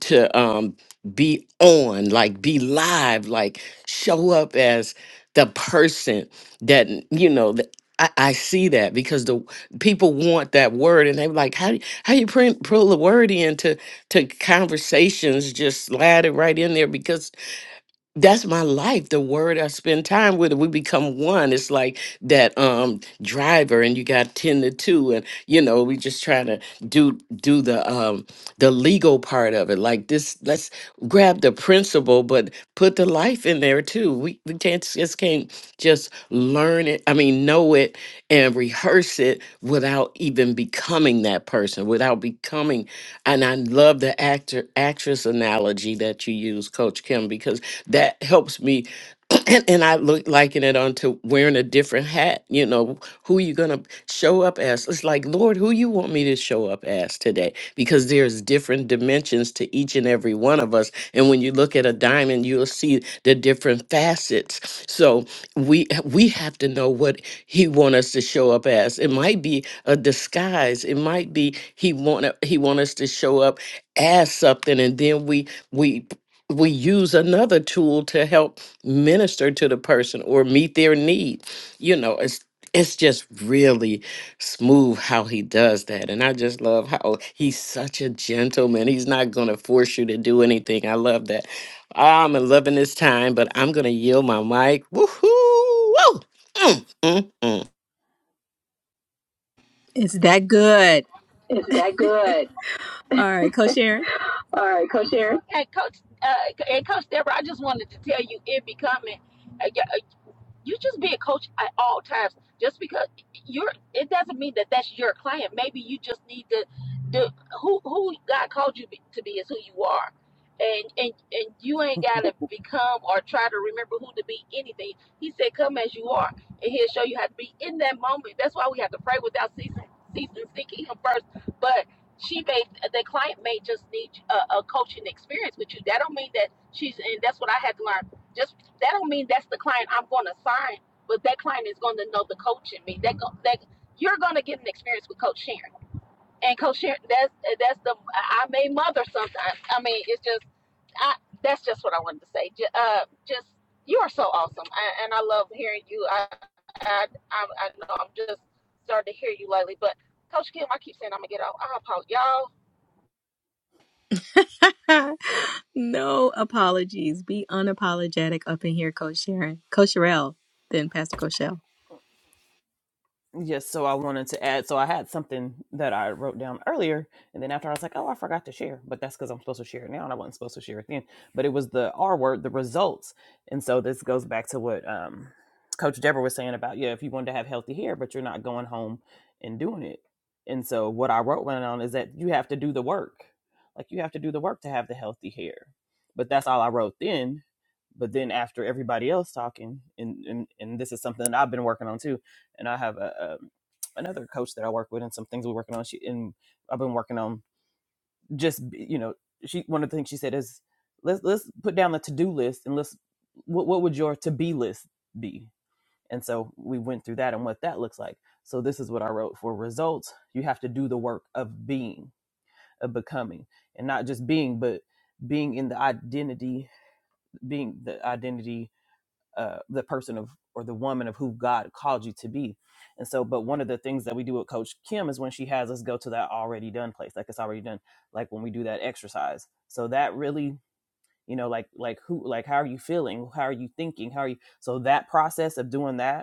[SPEAKER 2] to um, be on, like be live, like show up as the person that, you know, that I, I see that because the people want that word and they're like, how, do- you, how you print, pull the word into to conversations, just slide it right in there because." that's my life the word i spend time with it we become one it's like that um driver and you got 10 to 2 and you know we just trying to do do the um the legal part of it like this let's grab the principle but put the life in there too we, we can't just can't just learn it i mean know it and rehearse it without even becoming that person without becoming and i love the actor actress analogy that you use coach kim because that helps me and I look liken it onto wearing a different hat. You know, who you gonna show up as? It's like, Lord, who you want me to show up as today? Because there's different dimensions to each and every one of us. And when you look at a diamond, you'll see the different facets. So we we have to know what He want us to show up as. It might be a disguise. It might be He want He want us to show up as something, and then we we we use another tool to help minister to the person or meet their need. You know, it's it's just really smooth how he does that. And I just love how oh, he's such a gentleman. He's not gonna force you to do anything. I love that. I'm loving this time, but I'm gonna yield my mic. Woohoo! Woo! Mm, mm, mm.
[SPEAKER 1] It's that good. All right, Coach Sharon.
[SPEAKER 4] All right, Coach Sharon.
[SPEAKER 1] no apologies. Be unapologetic up in here, Coach Sharon. Coach Sherelle, then Pastor Coachelle.
[SPEAKER 3] Yes, so I wanted to add. So I had something that I wrote down earlier, and then after I was like, "Oh, I forgot to share," but that's because I'm supposed to share it now, and I wasn't supposed to share it then. But it was the R word, the results, and so this goes back to what um, Coach Deborah was saying about yeah, if you wanted to have healthy hair, but you're not going home and doing it. And so what I wrote went on is that you have to do the work, like you have to do the work to have the healthy hair. But that's all I wrote then but then after everybody else talking and, and and this is something that i've been working on too and i have a, um another coach that i work with and some things we're working on she and i've been working on just you know she one of the things she said is let's let's put down the to-do list and let's what, what would your to-be list be and so we went through that and what that looks like so this is what i wrote for results you have to do the work of being of becoming and not just being but being in the identity being the identity uh, the person of or the woman of who God called you to be. And so, but one of the things that we do with Coach Kim is when she has us go to that already done place, like it's already done, like when we do that exercise. So that really, you know, like like who, like how are you feeling? How are you thinking? How are you? So that process of doing that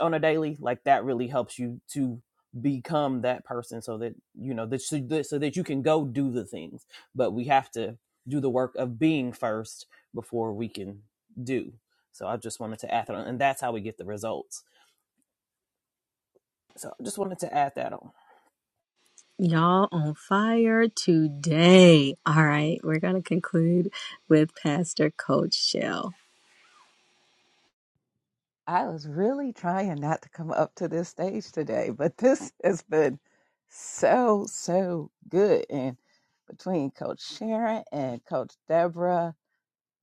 [SPEAKER 3] on a daily like that really helps you to become that person so that you know that so that so that you can go do the things but we have to do the work of being first before we can do so i just wanted to add that on and that's how we get the results so i just wanted to add that on
[SPEAKER 1] Y'all on fire today. All right, we're going to conclude with Pastor Coach Shell.
[SPEAKER 5] I was really trying not to come up to this stage today, but this has been so, so good. And between Coach Sharon and Coach Deborah,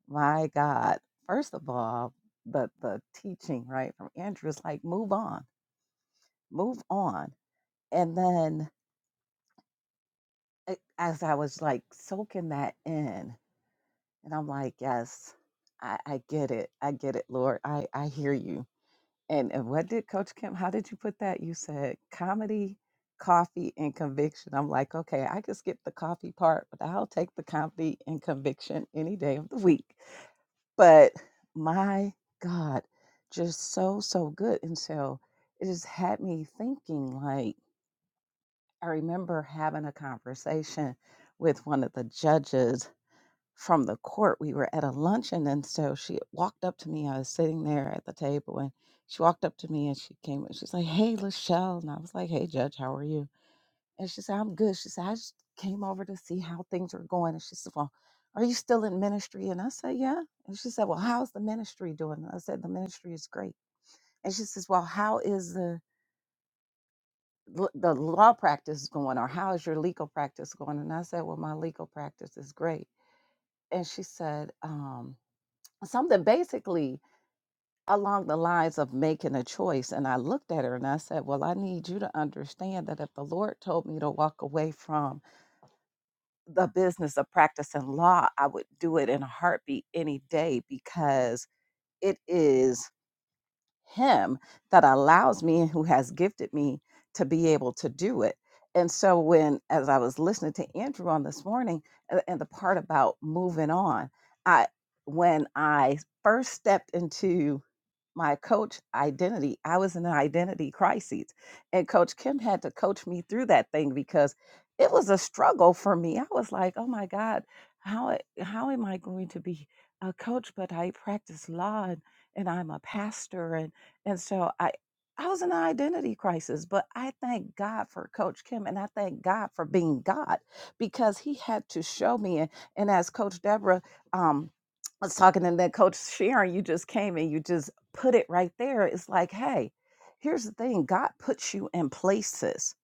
[SPEAKER 5] my God, first of all, the, the teaching, right, from Andrew is like, move on, move on. And then a- as I was like soaking that in, and I'm like, yes, I, I get it. I get it, Lord. I, I hear you And, and what did Coach Kim, how did you put that? You said comedy, coffee, and conviction. I'm like, okay, I could skip the coffee part, but I'll take the comedy and conviction any day of the week. But my God, just so, so good. And so it just had me thinking like, I remember having a conversation with one of the judges from the court. We were at a luncheon, and so she walked up to me. I was sitting there at the table, and she walked up to me and she came and she's like, "Hey, Lachelle," and I was like, "Hey, Judge, how are you?" And she said, "I'm good." She said, "I just came over to see how things were going," and she said, "Well." Are you still in ministry? And I said, Yeah. And she said, Well, how's the ministry doing? And I said, The ministry is great. And she says, Well, how is the l- the law practice going or how is your legal practice going? And I said, Well, my legal practice is great. And she said, um. something basically along the lines of making a choice. And I looked at her and I said, Well, I need you to understand that if the Lord told me to walk away from the business of practicing law, I would do it in a heartbeat any day because it is Him that allows me and who has gifted me to be able to do it. And so, when as I was listening to Andrew on this morning a- and the part about moving on, I when I first stepped into my coach identity. I was in an identity crisis. And Coach Kim had to coach me through that thing because it was a struggle for me. I was like, oh my God, how, how am I going to be a coach? But I practice law and, and I'm a pastor. And, and so I, I was in an identity crisis, but I thank God for Coach Kim and I thank God for being God because he had to show me. And, and as Coach Deborah um, was talking, and then Coach Sharon, you just came and you just put it right there. It's like, hey, here's the thing God puts you in places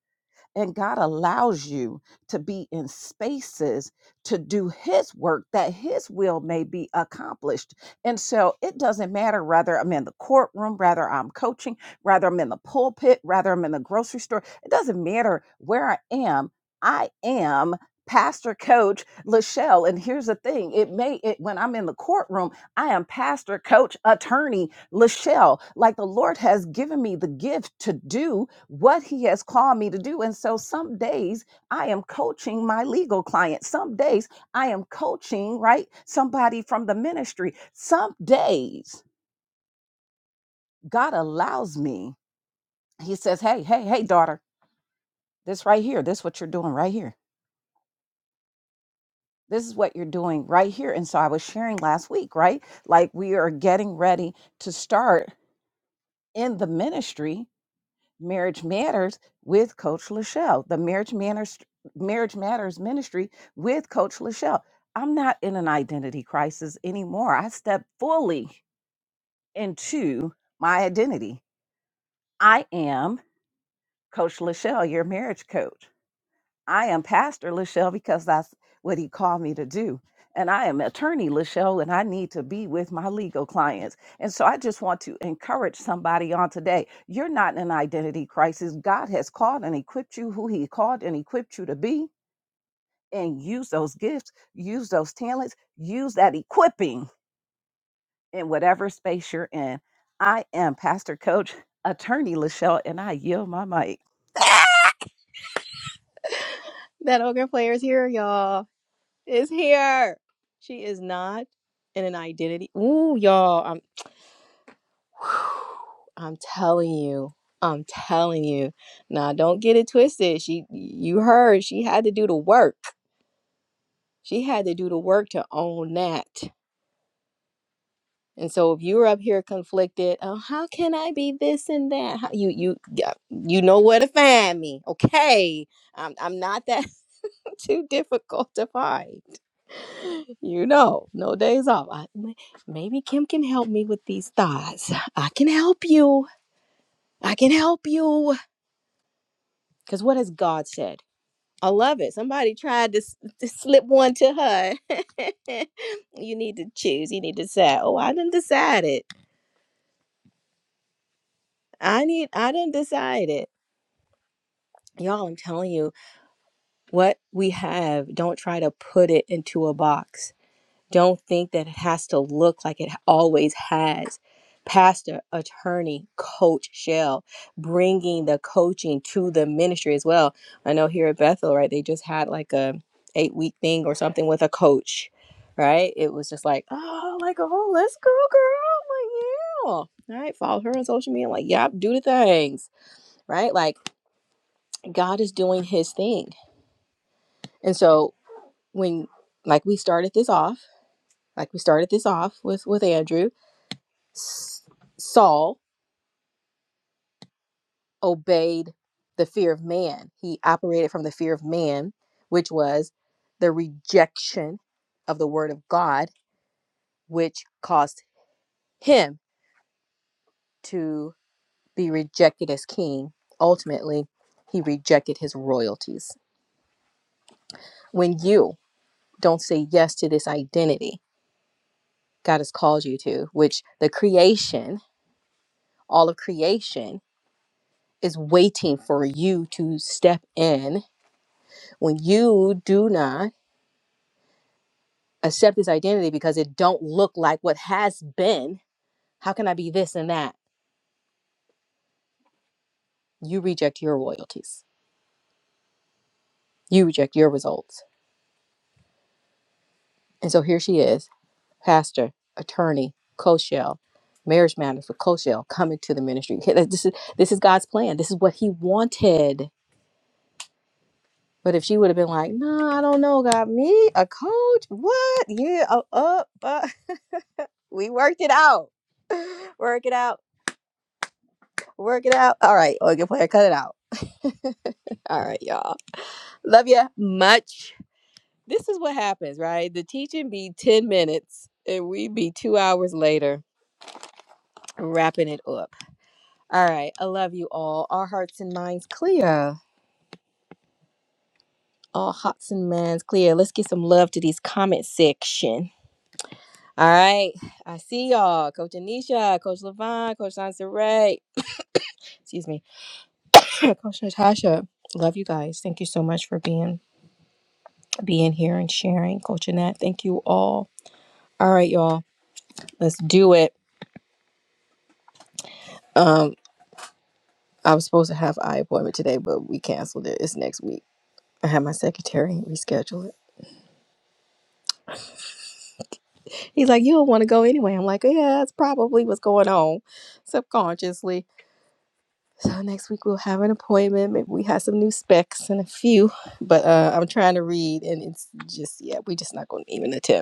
[SPEAKER 5] and God allows you to be in spaces to do His work that His will may be accomplished. And so it doesn't matter whether I'm in the courtroom, whether I'm coaching, whether I'm in the pulpit, whether I'm in the grocery store. It doesn't matter where I am. I am pastor coach Lachelle. And here's the thing it may, it, when I'm in the courtroom, I am pastor, coach, attorney, Lachelle. Like the Lord has given me the gift to do what He has called me to do. And so some days I am coaching my legal client. Some days I am coaching, right? Somebody from the ministry. Some days God allows me, He says, Hey, hey, hey, daughter, this right here, this what you're doing right here. This is what you're doing right here. And so I was sharing last week, right? Like we are getting ready to start in the ministry Marriage Matters with Coach Lachelle, the Marriage Matters Marriage Matters Ministry with Coach Lachelle. I'm not in an identity crisis anymore. I step fully into my identity. I am Coach Lachelle, your marriage coach. I am Pastor Lachelle because that's what he called me to do. And I am attorney Lachelle, and I need to be with my legal clients. And so I just want to encourage somebody on today. You're not in an identity crisis. God has called and equipped you who he called and equipped you to be. And use those gifts, use those talents, use that equipping in whatever space you're in. I am Pastor Coach Attorney Lachelle, and I yield my mic.
[SPEAKER 1] That ogre player is here, y'all. Is here. She is not in an identity. Ooh, y'all. I'm I'm telling you. I'm telling you. Now don't get it twisted. She you heard she had to do the work. She had to do the work to own that. And so if you're up here conflicted, oh how can I be this and that? How, you you yeah, you know where to find me. Okay. I'm I'm not that too difficult to find. you know, no days off. I, m- maybe Kim can help me with these thoughts. I can help you. I can help you. Because what has God said? I love it. Somebody tried to, s- to slip one to her. you need to choose. You need to decide. Oh, I didn't decide it. I need. I didn't decide it. Y'all, I'm telling you, what we have, don't try to put it into a box Don't think that it has to look like it always has. Pastor, attorney, coach, shell, bringing the coaching to the ministry as well. I know here at Bethel, right? They just had like a eight week thing or something with a coach, right? It was just like, oh, like oh, let's go, girl. I'm like, yeah. All right, follow her on social media. I'm like, yep, do the things, right? Like God is doing His thing, and so when like we started this off, like we started this off with with Andrew Saul obeyed the fear of man. He operated from the fear of man, which was the rejection of the word of God, which caused him to be rejected as king. Ultimately, he rejected his royalties. When you don't say yes to this identity God has called you to, which the creation, all of creation, is waiting for you to step in. When you do not accept this identity because it don't look like what has been how can i be this and that you reject your royalties you reject your results and so here she is pastor attorney co-shell marriage matters for co-shell coming to the ministry Okay, like, this is this is god's plan this is what he wanted but if she would have been like no i don't know god me a coach what yeah uh, uh, uh. we worked it out work it out work it out all right okay player cut it out all right, y'all. Love ya much. This is what happens, right? The teaching be 10 minutes and we be two hours later wrapping it up. All right. I love you all. Our hearts and minds clear. All hearts and minds clear. Let's get some love to these comment section. All right. I see y'all. Coach Anisha, Coach Levon, Coach Sanseret. Excuse me. Coach Natasha. Love you guys. Thank you so much for being being here and sharing. Coach Annette, thank you all. All right, y'all. Let's do it. Um. I was supposed to have eye appointment today, but we canceled it. It's next week. I had my secretary reschedule it. He's like, you don't want to go anyway. I'm like, yeah, that's probably what's going on subconsciously. So next week we'll have an appointment. Maybe we have some new specs and a few, but uh, I'm trying to read and it's just, yeah, we're just not going to even attempt.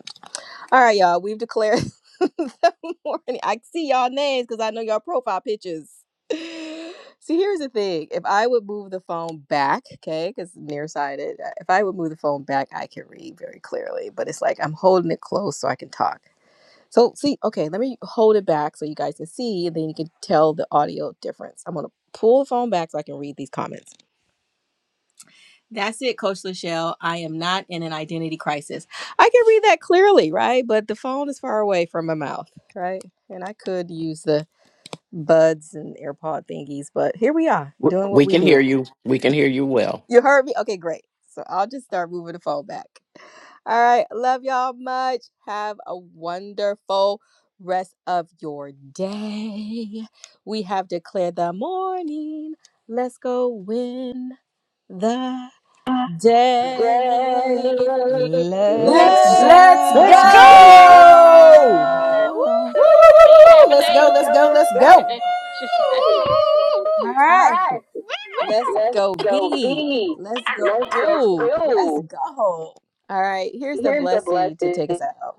[SPEAKER 1] All right, y'all. We've declared the morning. I see y'all names because I know y'all profile pictures. See, here's the thing. If I would move the phone back, okay, because nearsighted, uh, if I would move the phone back, I can read very clearly. But it's like I'm holding it close so I can talk. So see, okay, let me hold it back so you guys can see, and then you can tell the audio difference. I'm gonna pull the phone back so I can read these comments. That's it, Coach Lachelle. I am not in an identity crisis. I can read that clearly, right? But the phone is far away from my mouth, right? And I could use the buds and AirPod thingies, but here we are
[SPEAKER 2] W-
[SPEAKER 1] doing what
[SPEAKER 2] We
[SPEAKER 1] we
[SPEAKER 2] can hear
[SPEAKER 1] do.
[SPEAKER 2] you. We can hear you well.
[SPEAKER 1] You heard me? Okay, great. So I'll just start moving the phone back. All right. Love y'all much. Have a wonderful rest of your day. We have declared the morning. Let's go win the
[SPEAKER 4] Let's go,
[SPEAKER 1] day.
[SPEAKER 5] Let's
[SPEAKER 2] Let's
[SPEAKER 1] Let's
[SPEAKER 3] let's go
[SPEAKER 2] let's
[SPEAKER 1] go.
[SPEAKER 2] go.
[SPEAKER 1] Woo!
[SPEAKER 5] go.
[SPEAKER 3] woo, woo, woo, woo, woo. let's go let's go
[SPEAKER 4] let's
[SPEAKER 3] let's
[SPEAKER 4] go.
[SPEAKER 3] go
[SPEAKER 1] All
[SPEAKER 4] All
[SPEAKER 1] right.
[SPEAKER 4] right.
[SPEAKER 1] Let's
[SPEAKER 4] Let's
[SPEAKER 1] go
[SPEAKER 4] go
[SPEAKER 1] be.
[SPEAKER 4] be.
[SPEAKER 1] Let's go
[SPEAKER 4] Let's go
[SPEAKER 1] do. Let's
[SPEAKER 4] do.
[SPEAKER 1] go. All right. Here's the
[SPEAKER 4] Here's the
[SPEAKER 1] blessing to
[SPEAKER 4] blessing
[SPEAKER 1] take us out.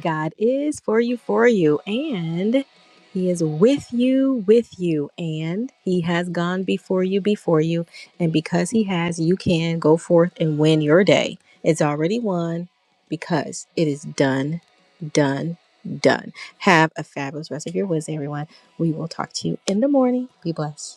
[SPEAKER 1] God is for you, for you, and He is with you, with you, and He has gone before you, before you. And because He has, you can go forth and win your day. It's already won because it is done, done, done. Have a fabulous rest of your Wednesday, everyone. We will talk to you in the morning. Be blessed.